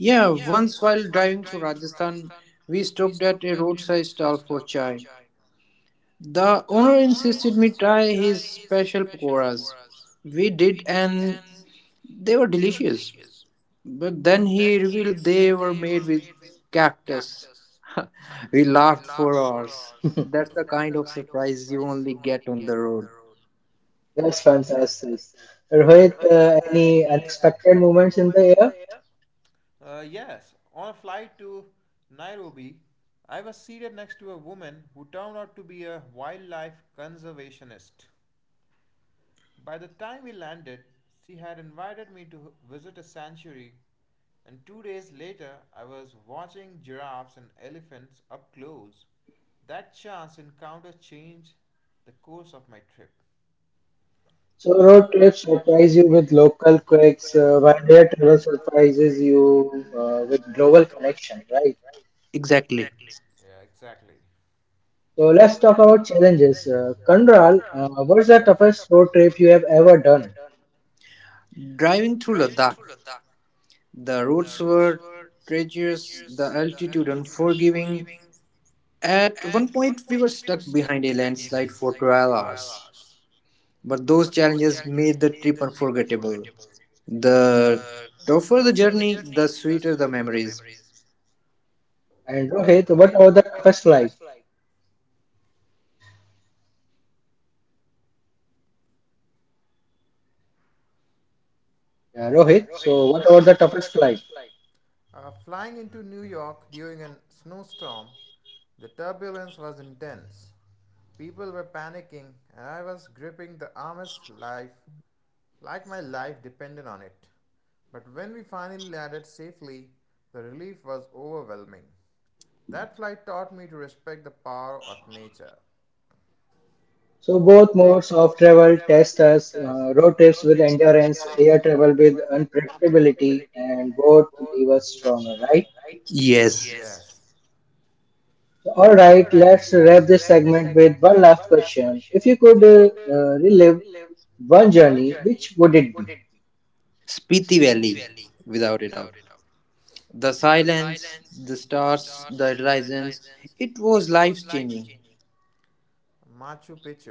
S3: Yeah, once while driving through
S2: Driving
S3: Rajasthan, we stopped at a roadside stall for chai. The owner insisted me
S2: insisted me
S3: try
S2: try
S3: his
S2: his
S3: special
S2: special
S3: pakoras.
S2: pakoras.
S3: We
S2: We
S3: did,
S2: did,
S3: and
S2: and
S3: they were
S2: they were
S3: delicious.
S2: delicious,
S3: But
S2: but
S3: then
S2: then
S3: he
S2: he
S3: revealed
S2: revealed
S3: they were
S2: they were
S3: made with
S2: made with
S3: cactus.
S2: cactus.
S3: We
S2: We
S3: laughed
S2: laughed
S3: for
S2: for
S3: hours.
S2: hours.
S3: That's the
S2: That's the
S3: kind of
S2: kind of.
S3: surprise you only get on the road.
S1: That's
S2: That's
S1: fantastic.
S2: fantastic.
S1: Rohit,
S2: Rohit,
S1: any
S2: any
S1: unexpected
S2: unexpected,
S1: moments in the air?
S2: yeah? Yes, on a flight to Nairobi, I was seated next to a woman who turned out to be a wildlife conservationist. By the time we landed, she had invited me to visit a sanctuary, and 2 days later, I was watching giraffes and elephants up close. That chance encounter changed the course of my trip.
S1: So road trips surprise you with local quirks, while
S2: By,
S1: air travel surprises you with
S2: uh, with
S1: global connection,
S2: action.
S1: right?
S3: Exactly.
S2: Yeah, exactly.
S1: So let's talk about challenges. Kandral, what's the toughest road trip you have
S2: I've
S1: ever
S2: ever
S1: done?
S2: done.
S3: Driving
S2: Driving
S3: through Ladakh, the
S2: the
S3: roads
S2: road
S3: were treacherous, the
S2: treacherous
S3: altitude unforgiving. At
S2: and
S3: one point, we were stuck behind a landslide for 12 hours.
S2: trailers.
S3: But those challenges made the trip unforgettable. The
S2: The
S3: tougher the
S2: the
S3: journey,
S2: journey,
S3: the
S2: the
S3: sweeter the
S2: sweeter the
S3: memories.
S2: memories.
S1: And
S2: And
S1: Rohit,
S2: okay,
S1: what
S2: so
S1: about
S2: what
S1: the
S2: was the
S1: toughest
S2: toughest
S1: flight?
S2: like?
S1: Yeah,
S2: Yeah,
S1: Rohit,
S2: Rohit,
S1: so what
S2: so
S1: about
S2: what
S1: the
S2: about the
S1: toughest
S2: toughest
S1: flight?
S2: flight? Flying into New York during a snowstorm, the turbulence was intense. People were panicking, and I was gripping the arm's life like my life depended on it. But when we finally landed safely, the relief was overwhelming. That flight taught me to respect the power of nature.
S1: So
S2: So
S1: both
S2: both
S1: modes
S2: modes
S1: of
S2: of
S1: travel
S2: travel
S1: test
S2: test
S1: us,
S2: us.
S1: road
S2: Road
S1: trips with
S2: with
S1: endurance,
S2: endurance,
S1: air
S2: air
S1: travel
S2: travel
S1: with
S2: with,
S1: unpredictability, and
S2: and
S1: both
S2: both
S1: leave us stronger,
S2: stronger,
S1: right?
S2: right? Yes.
S3: Yes,
S2: Yes.
S1: So, all
S2: All
S1: right,
S2: right,
S1: let's
S2: let's
S1: wrap this
S2: wrap this
S1: segment
S2: segment
S1: with
S2: with
S1: one
S2: one
S1: last
S2: last
S1: question.
S2: question.
S1: If you could
S2: The uh,
S1: relive one
S2: one
S1: journey,
S2: journey.
S1: which would it be?
S3: Spiti
S2: Speak
S3: Valley, without
S2: with
S3: a doubt. The
S2: the
S3: silence,
S2: silence,
S3: the stars,
S2: stars,
S3: the
S2: the horizon.
S3: horizons, it was life changing.
S2: Machu Picchu.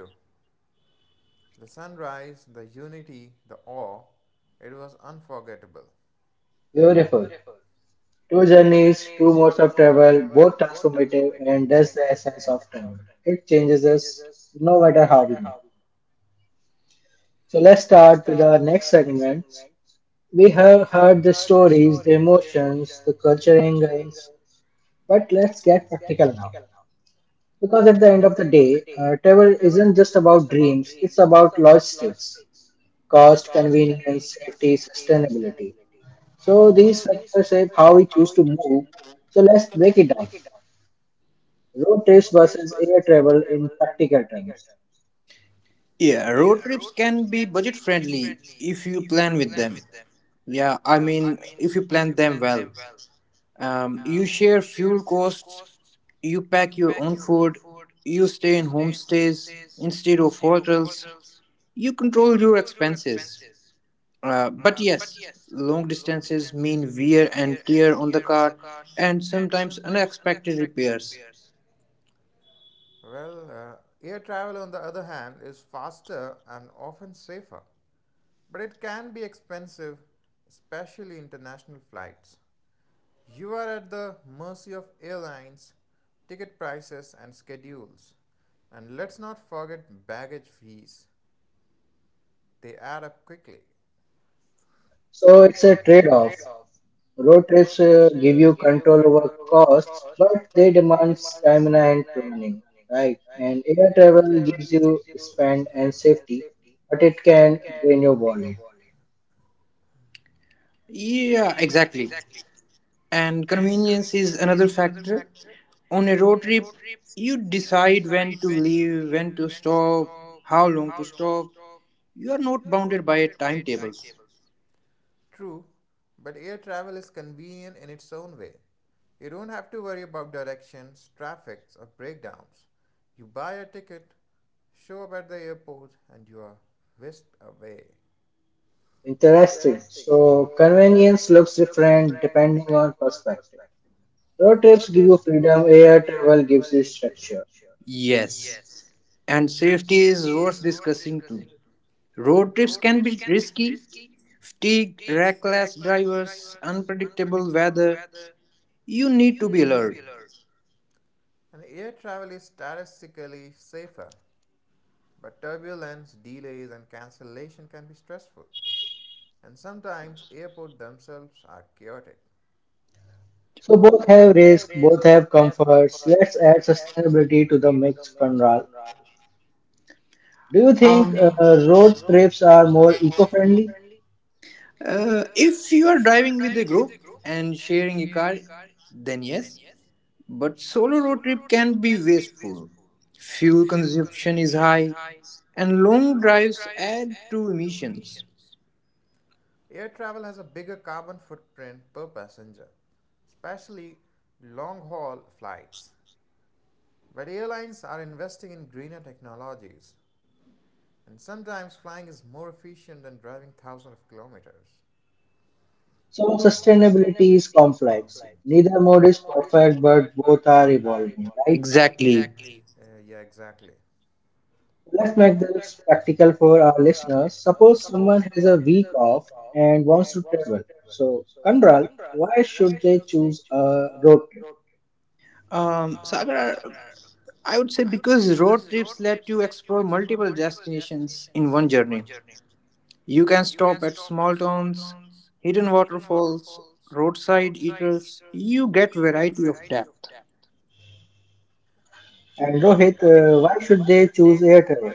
S2: The sunrise, the unity, the awe. It was unforgettable.
S1: Beautiful.
S2: Beautiful.
S1: Two journeys, two
S2: Journeys, two
S1: modes of
S2: modes of
S1: travel,
S2: travel,
S1: both
S2: both
S1: transformative,
S2: transformative,
S1: and
S2: and
S1: that's the
S2: that's the
S1: essence of
S2: essence of
S1: travel.
S2: travel.
S1: It changes
S2: This
S1: us
S2: is
S1: no
S2: no
S1: matter how
S2: matter
S1: we
S2: how.
S1: move.
S2: Let
S1: So let's start with
S2: start
S1: our
S2: with our
S1: next
S2: next
S1: segment.
S2: segment,
S1: We
S2: we
S1: have
S2: have
S1: heard the
S2: heard the
S1: stories, the
S2: story,
S1: emotions,
S2: questions,
S1: the
S2: the
S1: culture
S2: culture
S1: angles,
S2: angles.
S1: but
S2: But
S1: let's
S2: let's
S1: get practical now. Because at the
S2: at
S1: end
S2: the
S1: of the
S2: end of
S1: day, travel
S2: table
S1: isn't
S2: is
S1: just about
S2: about
S1: dreams, it's about
S2: about
S1: logistics,
S2: logistics,
S1: cost,
S2: cost,
S1: convenience,
S2: convenience,
S1: safety,
S2: safety,
S1: sustainability.
S2: sustainability.
S1: So
S2: So
S1: these
S2: these
S1: factors shape
S2: shape
S1: how we
S2: how we.
S1: choose to move. So
S2: So
S1: let's
S2: let's
S1: break it
S2: break
S1: down.
S2: it down.
S1: Road trips versus
S2: Versus
S1: air
S2: a
S1: travel
S2: travel
S1: in
S2: in
S1: practical
S2: practice.
S1: terms.
S3: Yeah,
S2: Yeah,
S3: road trips
S2: roads
S3: can
S2: can.
S3: be budget friendly if you plan with them. Yeah,
S2: Yeah,
S3: I
S2: I
S3: mean,
S2: mean,
S3: if you plan them well.
S2: well. Um,
S3: You share fuel costs, you pack your
S2: Pack
S3: own
S2: your
S3: food, you stay in homestays instead of hotels, you control your expenses.
S2: uh,
S3: But yes, long distances mean wear and tear on the
S2: the
S3: car
S2: car,
S3: and
S2: and
S3: sometimes
S2: sometimes.
S3: unexpected repairs.
S2: Well, air travel, on the other hand, is faster and often safer, but it can be expensive, especially international flights. You are at the mercy of airlines, ticket prices, and schedules. And let's not forget baggage fees, they add up quickly.
S1: So
S2: So
S1: it's a
S2: it's a
S1: trade-off.
S2: trade-off.
S1: Road trips
S2: It's
S1: give you
S2: give you
S1: control
S2: control
S1: over
S2: over
S1: costs,
S2: costs,
S1: but
S2: but
S1: they
S2: they
S1: demand
S2: demand
S1: stamina
S2: stamina
S1: and
S2: and
S1: planning, right?
S2: right.
S1: And
S2: And
S1: air
S2: air
S1: travel
S2: travel
S1: gives
S2: gives you
S1: you spend
S2: span
S1: and
S2: and
S1: safety, but it
S2: it
S1: can
S2: can
S1: drain your
S2: win your
S1: wallet.
S2: wallet.
S3: Yeah,
S2: Yeah,
S3: exactly.
S2: exactly.
S3: And
S2: And
S3: convenience is another factor. On a road trip,
S2: poetry
S3: you decide
S2: decide
S3: when to
S2: when,
S3: leave, when to stop, how
S2: how
S3: long to
S2: long,
S3: stop. You are not bounded by a
S2: by a time.
S3: timetable.
S2: True, but air travel is convenient in its own way. You don't have to worry about directions, traffics, or breakdowns. You buy a ticket, show up at the airport, and you are whisked away.
S1: Interesting.
S2: Interesting.
S1: So
S2: So
S1: convenience
S2: convenience
S1: looks
S2: is
S1: different
S2: different
S1: depending
S2: depending
S1: on
S2: on
S1: perspective. Road
S2: road
S1: trips give
S2: trips,
S1: you freedom,
S2: freedom,
S1: air
S2: air
S1: travel
S2: travel
S1: gives you structure.
S2: structure. Yes.
S3: Yes, and
S2: And
S3: safety is worth discussing too. Road trips can be risky, fatigue, reckless
S2: reckless
S3: drivers, unpredictable weather.
S2: weather,
S3: You
S2: you
S3: need to
S2: need
S3: be
S2: to be
S3: alert.
S2: alert. And air travel is statistically safer, but turbulence, delays, and cancellation can be stressful. And sometimes airports themselves are chaotic.
S1: So both
S2: Both
S1: have
S2: have
S1: risk,
S2: risks,
S1: both
S2: both
S1: have
S2: have
S1: comforts.
S2: comforts.
S1: Let's add
S2: Let's add
S1: sustainability to
S2: sustainability
S1: the mix, Conrad.
S2: on.
S1: Do you
S2: Do you
S1: think
S2: think
S3: Um,
S1: road
S2: road
S1: trips
S2: trips
S1: are
S2: are
S1: more
S2: more.
S1: eco-friendly?
S3: if you
S2: If
S3: are
S2: you are
S3: driving with
S2: driving
S3: a
S2: with a
S3: group
S2: group
S3: and
S2: and
S3: sharing a
S2: your
S3: car,
S2: car.
S3: then yes. But solo road trip can be wasteful. Fuel
S2: Fuel
S3: consumption is
S2: consumption is
S3: high,
S2: high,
S3: and
S2: and
S3: long
S2: long
S3: drives
S2: drives
S3: add
S2: add
S3: to
S2: to
S3: emissions.
S2: emissions. Air travel has a bigger carbon footprint per passenger, especially long haul flights. But airlines are investing in greener technologies, and sometimes flying is more efficient than driving thousands of kilometers.
S1: So
S2: So it's
S1: sustainability is complex.
S2: complex.
S1: Neither mode is
S2: It's
S1: perfect,
S2: perfect,
S1: but
S2: but
S1: both
S2: both
S1: are
S2: are evolving,
S1: evolving, right?
S2: right?
S3: Exactly.
S2: Exactly. Yeah, exactly.
S1: Let's make
S2: Let's make
S1: this practical for our
S2: for our
S1: listeners.
S2: listeners.
S1: Suppose
S2: Suppose
S1: someone
S2: someone
S1: has a week
S2: speak
S1: off
S2: of
S1: and
S2: and
S1: wants to
S2: wants to
S1: travel.
S2: travel.
S1: So,
S2: So,
S1: Conrad,
S2: Kanral,
S1: why
S2: why
S1: should
S2: should
S1: they choose a road
S2: uh,
S1: trip?
S3: Sagar,
S2: Sagar,
S3: I would say because road trips let you explore multiple destinations in one journey. You can stop at small towns, hidden waterfalls, roadside
S2: side
S3: eaters. You get variety of depth.
S1: And
S2: and
S1: Rohit,
S2: Rohit,
S1: why
S2: why
S1: should
S2: should
S1: they
S2: they.
S1: choose air travel?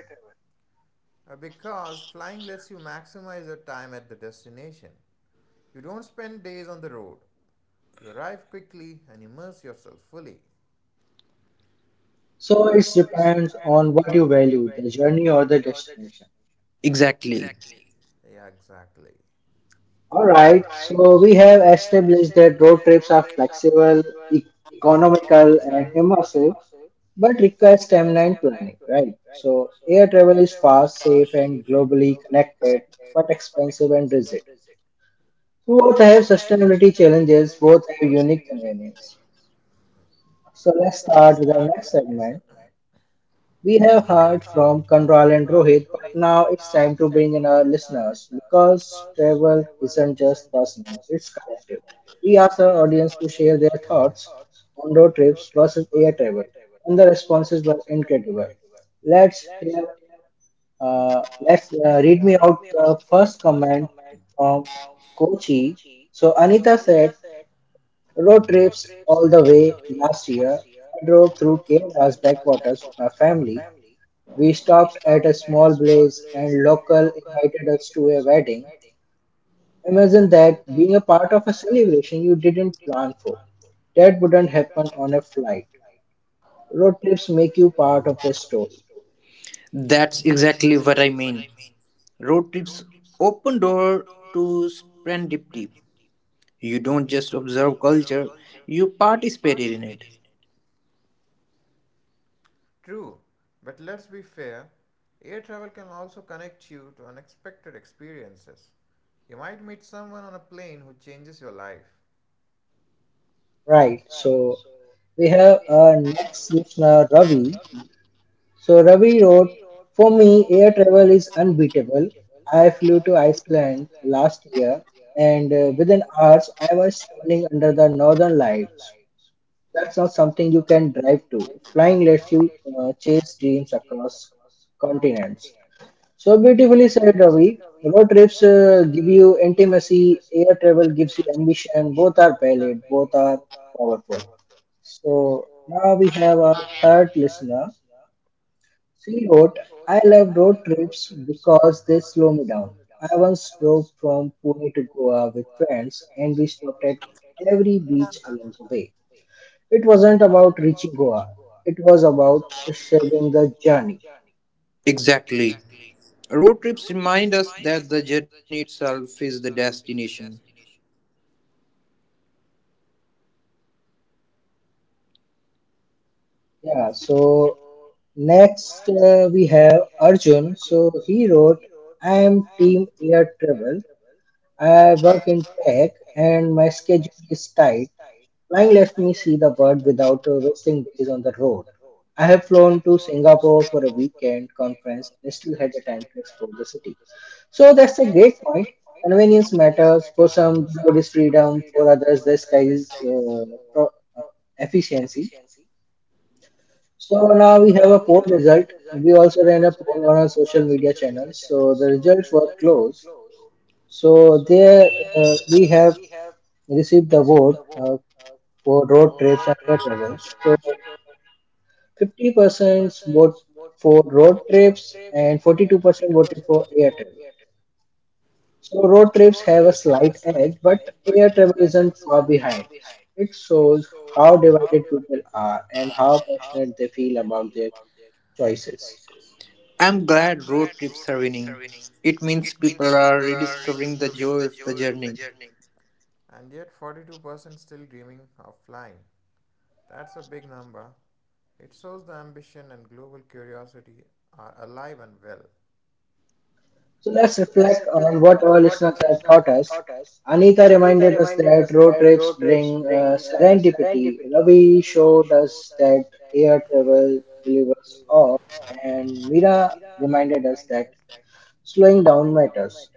S2: Because flying lets you maximize your time at the destination. You don't spend days on the road. You arrive quickly and immerse yourself fully.
S1: So
S2: So
S1: it
S2: it
S1: depends
S2: depends
S1: on what
S2: on
S1: you
S2: what you
S1: value,
S2: value,
S1: the
S2: the
S1: journey or
S2: journey
S1: the
S2: or the destination.
S1: destination.
S3: Exactly.
S2: Yeah, exactly.
S1: Alright,
S2: Alright,
S1: so we
S2: so we
S1: have
S2: have astro
S1: established that road trips are
S2: trips are
S1: flexible,
S2: flexible
S1: e- economical,
S2: economical,
S1: and
S2: and
S1: immersive,
S2: immersive
S1: but require timeline
S2: timeline.
S1: planning, right?
S2: Right.
S1: So
S2: So
S1: air
S2: air
S1: travel is
S2: travel is
S1: fast,
S2: fast,
S1: safe,
S2: safe,
S1: and
S2: and
S1: globally
S2: globally
S1: connected,
S2: connected,
S1: but
S2: but
S1: expensive
S2: expensive
S1: and
S2: and
S1: rigid.
S2: rigid.
S1: So,
S2: So
S1: both
S2: both
S1: have
S2: have
S1: sustainability
S2: sustainability
S1: challenges,
S2: challenges.
S1: both
S2: Both.
S1: have unique convenience.
S2: Ways.
S1: So
S2: So
S1: let's
S2: let's
S1: start with
S2: start
S1: our
S2: with our
S1: next
S2: next
S1: segment.
S2: segment.
S1: We
S2: We
S1: have
S2: have
S1: heard
S2: heard
S1: from
S2: from
S1: Kanral and
S2: Kanral and
S1: Rohit,
S2: Rohit,
S1: but
S2: but
S1: now
S2: now
S1: it's
S2: it's
S1: time to
S2: time to
S1: bring in
S2: bring
S1: our
S2: in our
S1: listeners
S2: listeners
S1: because
S2: because
S1: travel
S2: travel
S1: isn't
S2: isn't
S1: just
S2: just
S1: personal,
S2: personal.
S1: it's collective. We asked
S2: Ask
S1: our
S2: our
S1: audience to
S2: audience to
S1: share
S2: share
S1: their
S2: their
S1: thoughts
S2: thoughts
S1: on road trips versus
S2: on
S1: air
S2: air
S1: travel,
S2: travel.
S1: and the responses were incredible. Let's
S2: Let's.
S1: hear, uh,
S2: Uh,
S1: let's
S2: let's
S1: uh,
S2: uh,
S1: read me
S2: read me
S1: out
S2: out
S1: the
S2: the
S1: first
S2: first
S1: comment
S2: comment
S1: from
S2: from coach.
S1: Kochi. So,
S2: So
S1: Anita
S2: Anita
S1: said,
S2: said,
S1: road trips all the
S2: all the
S1: way
S2: way
S1: last
S2: last
S1: year.
S2: year,
S1: I
S2: I
S1: drove
S2: drove
S1: through Kerala's
S2: us
S1: backwaters with
S2: backwaters
S1: my
S2: with my
S1: family.
S2: family.
S1: We
S2: We
S1: stopped
S2: stopped
S1: at a
S2: at a
S1: small
S2: small
S1: place
S2: place
S1: and
S2: and
S1: local
S2: local
S1: invited
S2: invited
S1: us to a wedding. Imagine that being a part of a celebration you didn't plan for. That wouldn't happen on a flight. Road trips make you
S2: to
S1: part of
S2: part
S1: the story.
S3: That's exactly what I mean. Road trips open door to serendipity. You don't just observe
S2: observe
S3: culture,
S2: culture,
S3: you
S2: you
S3: participate in
S2: participated
S3: it.
S2: in it. True, but let's be fair air travel can also connect you to unexpected experiences. You might meet someone on a plane who changes your life.
S1: Right, so
S2: So
S1: we have our next listener, Ravi. So Ravi wrote, for me, air travel is unbeatable. I
S2: I
S1: flew to Iceland last year, and within hours, I was standing under the northern lights. That's not something you can drive to. Flying lets you chase dreams across continents. So beautifully said, Ravi. Road trips give you intimacy, air travel gives you ambition. Both are valid, both are powerful. So
S2: so
S1: now we
S2: now we
S1: have
S2: have
S1: our
S2: our
S1: third
S2: third
S1: listener. She wrote, I love
S2: island
S1: road trips
S2: trips.
S1: because they slow me down. I
S2: I
S1: once
S2: was
S1: drove from Pune to Goa with friends and we stopped at every
S2: every
S1: beach
S2: beach
S1: along the way.
S2: alone.
S1: It wasn't about reaching Goa. It was about
S2: It's
S1: sharing the
S2: a
S1: journey.
S2: journey.
S3: Exactly.
S2: Exactly.
S3: Road
S2: Road
S3: trips
S2: trips
S3: remind us
S2: remind us
S3: that the
S2: that the
S3: journey
S2: journey
S3: itself is
S2: itself
S3: the
S2: is the
S3: destination.
S2: destination.
S1: Yeah, so
S2: Yes.
S1: next we have Arjun. So he wrote, I am team air travel. I
S2: I
S1: work in tech and my schedule is tight. Flying lets me see the world without
S2: without
S1: wasting days on the road. I
S2: I
S1: have
S2: have
S1: flown to Singapore for a weekend
S2: weekend
S1: conference and still had the time to explore
S2: time.
S1: the city. So
S2: So
S1: that's a great
S2: the
S1: point.
S2: point
S1: Convenience matters. For
S2: matters for
S1: some, the
S2: some
S1: road is
S2: what is
S1: freedom.
S2: freedom
S1: For
S2: for
S1: others, the
S2: others
S1: sky is
S2: is
S1: pro-
S2: pro-.
S1: uh, efficiency. So
S2: So
S1: now we
S2: now
S1: have
S2: we
S1: a
S2: have
S1: poll result. We also
S2: also
S1: ran a
S2: ran a
S1: poll on
S2: poll
S1: our
S2: on our
S1: social
S2: students.
S1: media channels. So the
S2: So the
S1: results
S2: results
S1: were
S2: were
S1: close.
S2: close.
S1: So
S2: So
S1: there
S2: there
S1: we
S2: we
S1: have
S2: have
S1: received the
S2: the
S1: vote
S2: vote
S1: for
S2: for
S1: road
S2: road
S1: trips and
S2: trips and
S1: air
S2: bus
S1: travels. So
S2: travels. So
S1: 50%
S2: 50%
S1: vote for road trips
S2: trips
S1: and
S2: and
S1: 42% voted for
S2: for
S1: air
S2: air
S1: travel.
S2: trips.
S1: So
S2: So
S1: road
S2: road
S1: trips
S2: trips
S1: have a
S2: have a
S1: slight
S2: slight
S1: edge,
S2: edge,
S1: but
S2: but
S1: air
S2: air
S1: travel
S2: trips
S1: isn't far
S2: far
S1: behind.
S2: behind.
S1: So, it
S2: So it
S1: shows
S2: shows
S1: how
S2: how
S1: divided
S2: divided
S1: people
S2: they
S1: are
S2: are
S1: and
S2: and
S1: how
S2: how
S1: passionate they
S2: passionate
S1: feel
S2: they are
S1: about
S2: about
S1: their
S2: their
S1: choices.
S2: choices.
S3: I'm
S2: I'm
S3: glad
S2: glad
S3: road trips are
S2: it's
S3: winning.
S2: winning.
S3: It means
S2: Its
S3: people
S2: people
S3: are
S2: are
S3: rediscovering the
S2: rediscovering the
S3: joy
S2: joy
S3: of the
S2: of the
S3: journey.
S2: journey. And yet, 42% still dreaming of flying. That's a big number. It shows the ambition and global curiosity are alive and well.
S1: So
S2: So
S1: let's
S2: let's
S1: reflect
S2: reflect
S1: on
S2: on
S1: what our
S2: what our
S1: listeners
S2: listeners
S1: have
S2: have
S1: taught
S2: taught
S1: us.
S2: us.
S1: Anita
S2: Anita
S1: reminded us
S2: reminded us
S1: that
S2: that
S1: road
S2: road
S1: trips
S2: trips
S1: bring
S2: bring
S1: serendipity.
S2: serendipity.
S1: Ravi
S2: Ravi
S1: showed
S2: showed
S1: us
S2: us
S1: that
S2: that
S1: air
S2: air
S1: travel
S2: travel
S1: delivers
S2: delivers
S1: awe,
S2: awe,
S1: and
S2: and
S1: Mira
S2: Mira
S1: reminded us
S2: reminded us
S1: that
S2: that
S1: slowing
S2: slowing
S1: down
S2: down
S1: matters.
S2: matters.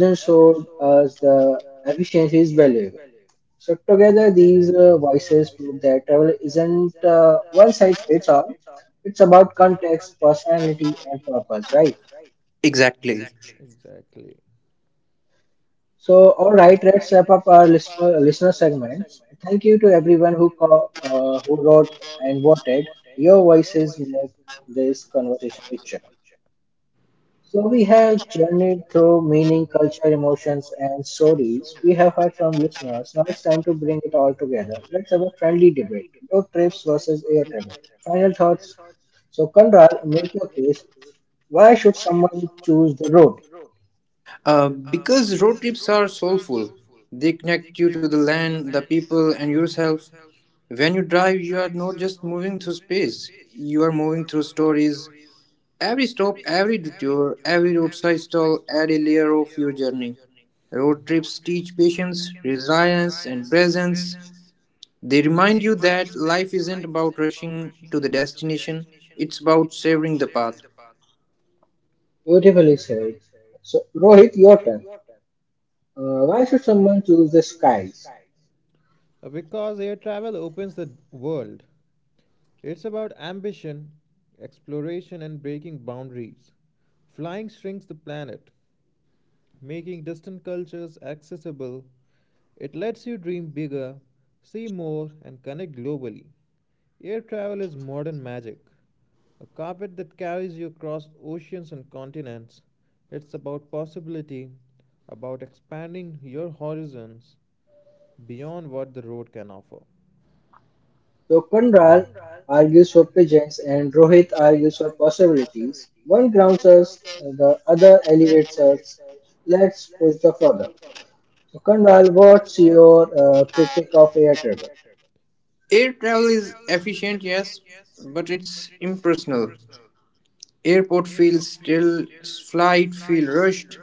S2: Uh,
S1: showed us
S2: uh,
S1: the efficiency is valuable. So together, these voices prove that travel isn't
S2: so,
S1: one
S2: uh,
S1: size fits
S2: it's
S1: all.
S2: all,
S1: It's
S2: it's
S1: about context, personality, and
S2: all
S1: purpose, right?
S2: right.
S3: Exactly.
S2: Exactly. Exactly.
S1: So, all
S2: So,
S1: right, let's wrap up our listener segments. Thank you to everyone who
S2: uh,
S1: who
S2: uh,
S1: wrote and
S2: and
S1: voted. Your voices make this conversation richer. So we
S2: so we
S1: have
S2: have
S1: journeyed through meaning, culture, emotions, and
S2: and
S1: stories we have heard from listeners. Now it's time to bring
S2: so
S1: it all
S2: it all.
S1: together. Let's have a friendly debate: road trips versus air travel. Final thoughts. So Kanral, make your case. Why should someone choose the road?
S3: Because road trips are soulful, they
S2: They
S3: connect you to
S2: you
S3: the
S2: to the
S3: land, the
S2: land, the
S3: people, and
S2: people, and
S3: yourself.
S2: yourself.
S3: When you
S2: When you
S3: drive,
S2: drive
S3: you are not just moving through space, you are moving through stories. Every
S2: that
S3: stop, every detour, every roadside stall adds a layer of your journey. Road
S2: road,
S3: trips teach patience, resilience, and presence. They
S2: they
S3: remind you that life
S2: life
S3: isn't
S2: isn't
S3: about
S2: about rushing
S3: rushing to the
S2: to the
S3: destination,
S2: destination,
S3: it's
S2: it's
S3: about
S2: about
S3: savoring the
S2: savoring the
S3: path.
S2: path.
S1: Beautifully said. So Rohit, your turn. Why should someone choose the skies?
S2: Skies. Because air travel opens the world. It's about ambition, exploration, and breaking boundaries. Flying shrinks the planet, making distant cultures accessible. It lets you dream bigger, see more, and connect globally. Air travel is modern magic, a carpet that carries you across oceans and continents. It's about possibility, about expanding your horizons beyond what the road can offer.
S1: So Kundral
S2: I
S1: argues for pigeons
S2: guess,
S1: and
S2: and
S1: Rohit
S2: with I
S1: argues for possibilities, one grounds us, the other elevates
S2: the itself,
S1: us. Let's
S2: let's
S1: push the further. So, Kundral, what's your
S2: talk about,
S1: critic of air travel?
S3: Air travel is efficient, yes, but it's impersonal. Airport feels still, flight feel rushed.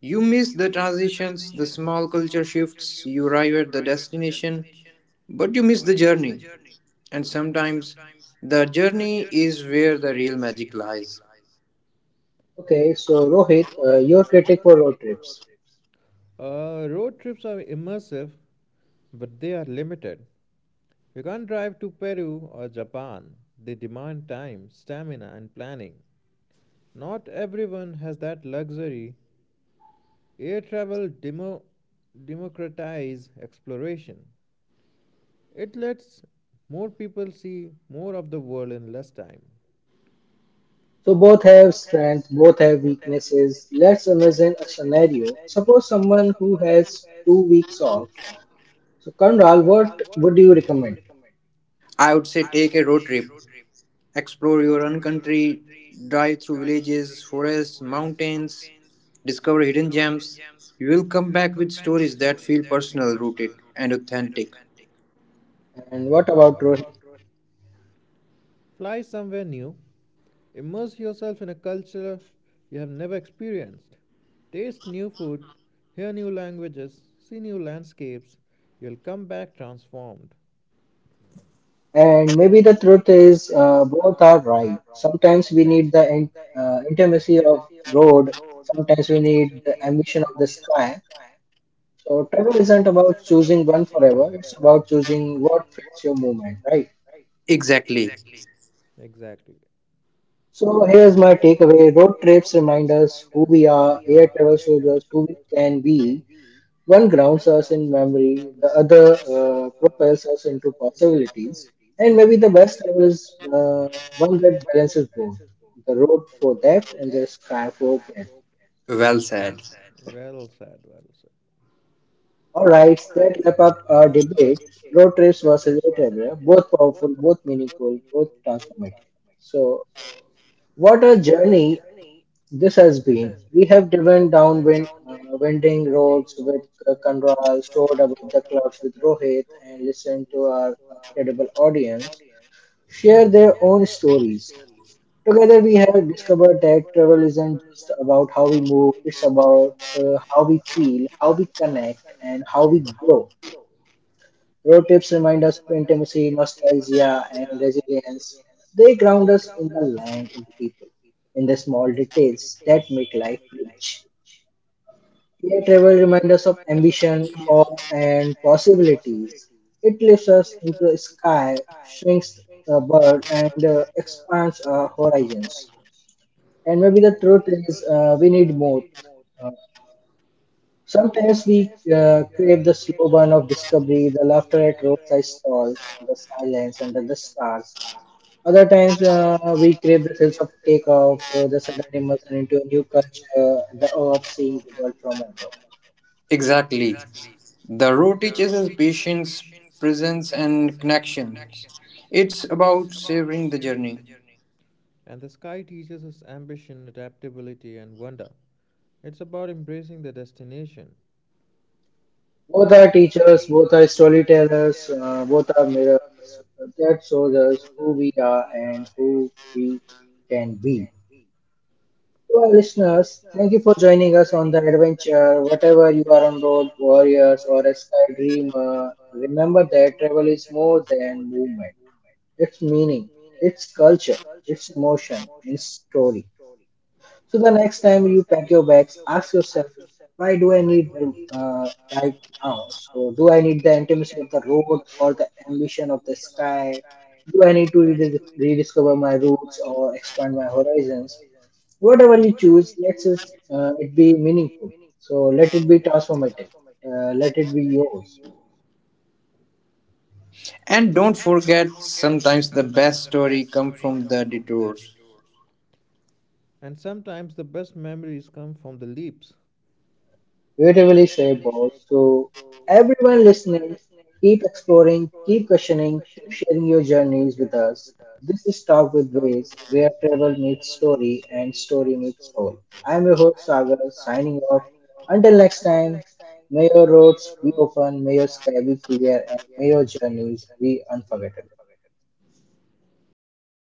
S3: You miss the transitions, the small culture shifts. You arrive at the destination, but you miss the journey. And
S2: and
S3: sometimes the
S2: strategic
S3: journey is where the real magic lies.
S2: lies.
S1: Okay, so Rohit, your
S2: Uh,
S1: critique for road trips.
S2: Road trips are immersive, but they are limited. You can't drive to Peru or Japan. They demand time, stamina, and planning. Not everyone has that luxury. Air travel demo- democratizes exploration. It lets more people see more of the world in less time.
S1: So both have strengths, both have weaknesses. Let's imagine a scenario. Suppose someone who
S2: Who
S1: has
S2: has
S1: 2 weeks off.
S2: solved?
S1: So Kundral, what would you recommend?
S3: I
S2: So
S3: would
S2: I would
S3: say take a road trip, explore your own country, drive through villages, forests, mountains, discover hidden gems. You will come
S2: discuss.
S3: back with stories that feel personal, rooted, and authentic.
S1: And what about Rohit?
S2: Fly somewhere new, immerse yourself in a culture you have never experienced, taste new food, hear new languages, see new landscapes. You'll come back transformed.
S1: And maybe the truth is,
S2: It's, uh,
S1: both are right. Sometimes we need the
S2: uh,
S1: intimacy of road.
S2: Road,
S1: Sometimes we need the ambition of the sky. So travel isn't about choosing one forever. It's
S2: it's
S1: about
S2: about choosing
S1: choosing what
S2: what
S1: fits your
S2: fits your
S1: movement,
S2: movement,
S1: right?
S2: right?
S3: Exactly.
S2: Exactly. Exactly.
S1: So
S2: So
S1: here's my takeaway:
S2: takeaway
S1: road
S2: road
S1: trips
S2: trips
S1: remind
S2: remind
S1: us
S2: us
S1: who we
S2: we
S1: are.
S2: are
S1: Air travel shows us who we can be. One
S2: one,
S1: grounds us in memory, the other propels us into possibilities. And maybe the best travel is
S2: uh,
S1: one
S2: one
S1: that balances both, the
S2: the
S1: road
S2: road
S1: for depth and the sky
S2: sky.
S1: for breadth.
S3: Well
S2: Well
S3: said.
S2: said. Well said, well said.
S1: All
S2: All
S1: right,
S2: right.
S1: that wrap up our debate, road trips versus air travel, both powerful, both meaningful, both transformative. So, what a
S2: What
S1: journey this has been. We have driven
S2: went
S1: down
S2: down when
S1: winding roads with soared above the clouds with Rohit, and listened to
S2: you
S1: our
S2: are
S1: incredible
S2: Italians
S1: audience share
S2: share
S1: their own stories.
S2: stories
S1: Together, we
S2: together
S1: have discovered that travel isn't just about
S2: with
S1: how we move, it's about
S2: us,
S1: how we
S2: uh,
S1: feel, how we connect, and
S2: and
S1: how we
S2: how we
S1: grow.
S2: grow.
S1: Road
S2: Road
S1: trips
S2: trips,
S1: remind us of intimacy, nostalgia,
S2: nostalgia,
S1: and
S2: and
S1: resilience.
S2: let's
S1: They ground us in the land, in the people, in the small details that make life rich. Air travel reminds us of ambition, awe,
S2: off
S1: and
S2: and
S1: possibilities. It
S2: the
S1: lifts us into the sky,
S2: sky
S1: shrinks
S2: shrinks
S1: a bird, and
S2: and
S1: expands
S2: expands
S1: our
S2: our horizon.
S1: horizons. And
S2: And
S1: maybe the truth is, we
S2: we
S1: need both. Sometimes
S2: sometimes
S1: we
S2: uh,
S1: crave the slow burn of discovery, the laughter at roadside
S2: all
S1: stalls, the silence
S2: silent.
S1: under the stars.
S2: Stars.
S1: Other
S2: Other
S1: times we crave the sense of
S2: take
S1: takeoff,
S2: of
S1: the
S2: the
S1: sudden immersion into a new culture, the awe of
S2: uh, of
S1: seeing the world from above.
S2: Andromeda.
S3: Exactly. The road teaches us patience, presence, and connections. It's about savoring the journey.
S2: And the sky teaches us ambition, adaptability, and wonder. It's about embracing the destination.
S1: Both are
S2: Both are
S1: teachers, both are storytellers, both
S2: both
S1: are
S2: are
S1: mirrors
S2: viewers,
S1: that shows us who we
S2: we
S1: are
S2: are
S1: and
S2: and
S1: who
S2: who
S1: we
S2: we
S1: can be. To our listeners, thank you for joining us on the adventure.
S2: adventure
S1: Whatever you are on
S2: one
S1: road,
S2: road
S1: warriors,
S2: warrior
S1: or a sky dreamer,
S2: uh,
S1: remember that travel is more
S2: smooth
S1: than movement. It's meaning, it's culture, it's
S2: its
S1: emotion,
S2: motions.
S1: it's story. So the next time you pack your bags, ask yourself,
S2: Ask
S1: why do
S2: why
S1: I
S2: do uh,
S1: need them right
S2: like
S1: now?
S2: now
S1: So do I need the intimacy of the road or the ambition of the sky?
S2: sky
S1: Do I need to rediscover my roots or
S2: or
S1: expand my
S2: expand.
S1: horizons? Whatever you choose, let us it
S2: Uh,
S1: be meaningful. So
S2: so
S1: let
S2: let,
S1: it be transformative. Let
S2: let
S1: it be yours.
S3: And
S2: and.
S3: don't forget, sometimes the best story come from the detours.
S2: And sometimes the best memories come from the leaps.
S1: Beautifully said, boss. So,
S2: Every
S1: everyone listening, keep exploring, keep questioning, keep sharing your
S2: sharing
S1: journeys with
S2: with
S1: us.
S2: us.
S1: This is
S2: This is
S1: Talk with
S2: Talk
S1: Ways, where travel meets story and
S2: and
S1: story
S2: Story.
S1: meets soul. I'm your
S2: I'm your
S1: host,
S2: host
S1: Sagar,
S2: Sagar
S1: signing
S2: signing
S1: off.
S2: off.
S1: Until next
S2: Next
S1: time,
S2: time,
S1: may your roads be open, may your sky be clear,
S2: we
S1: and
S2: are
S1: may your journeys be unforgettable.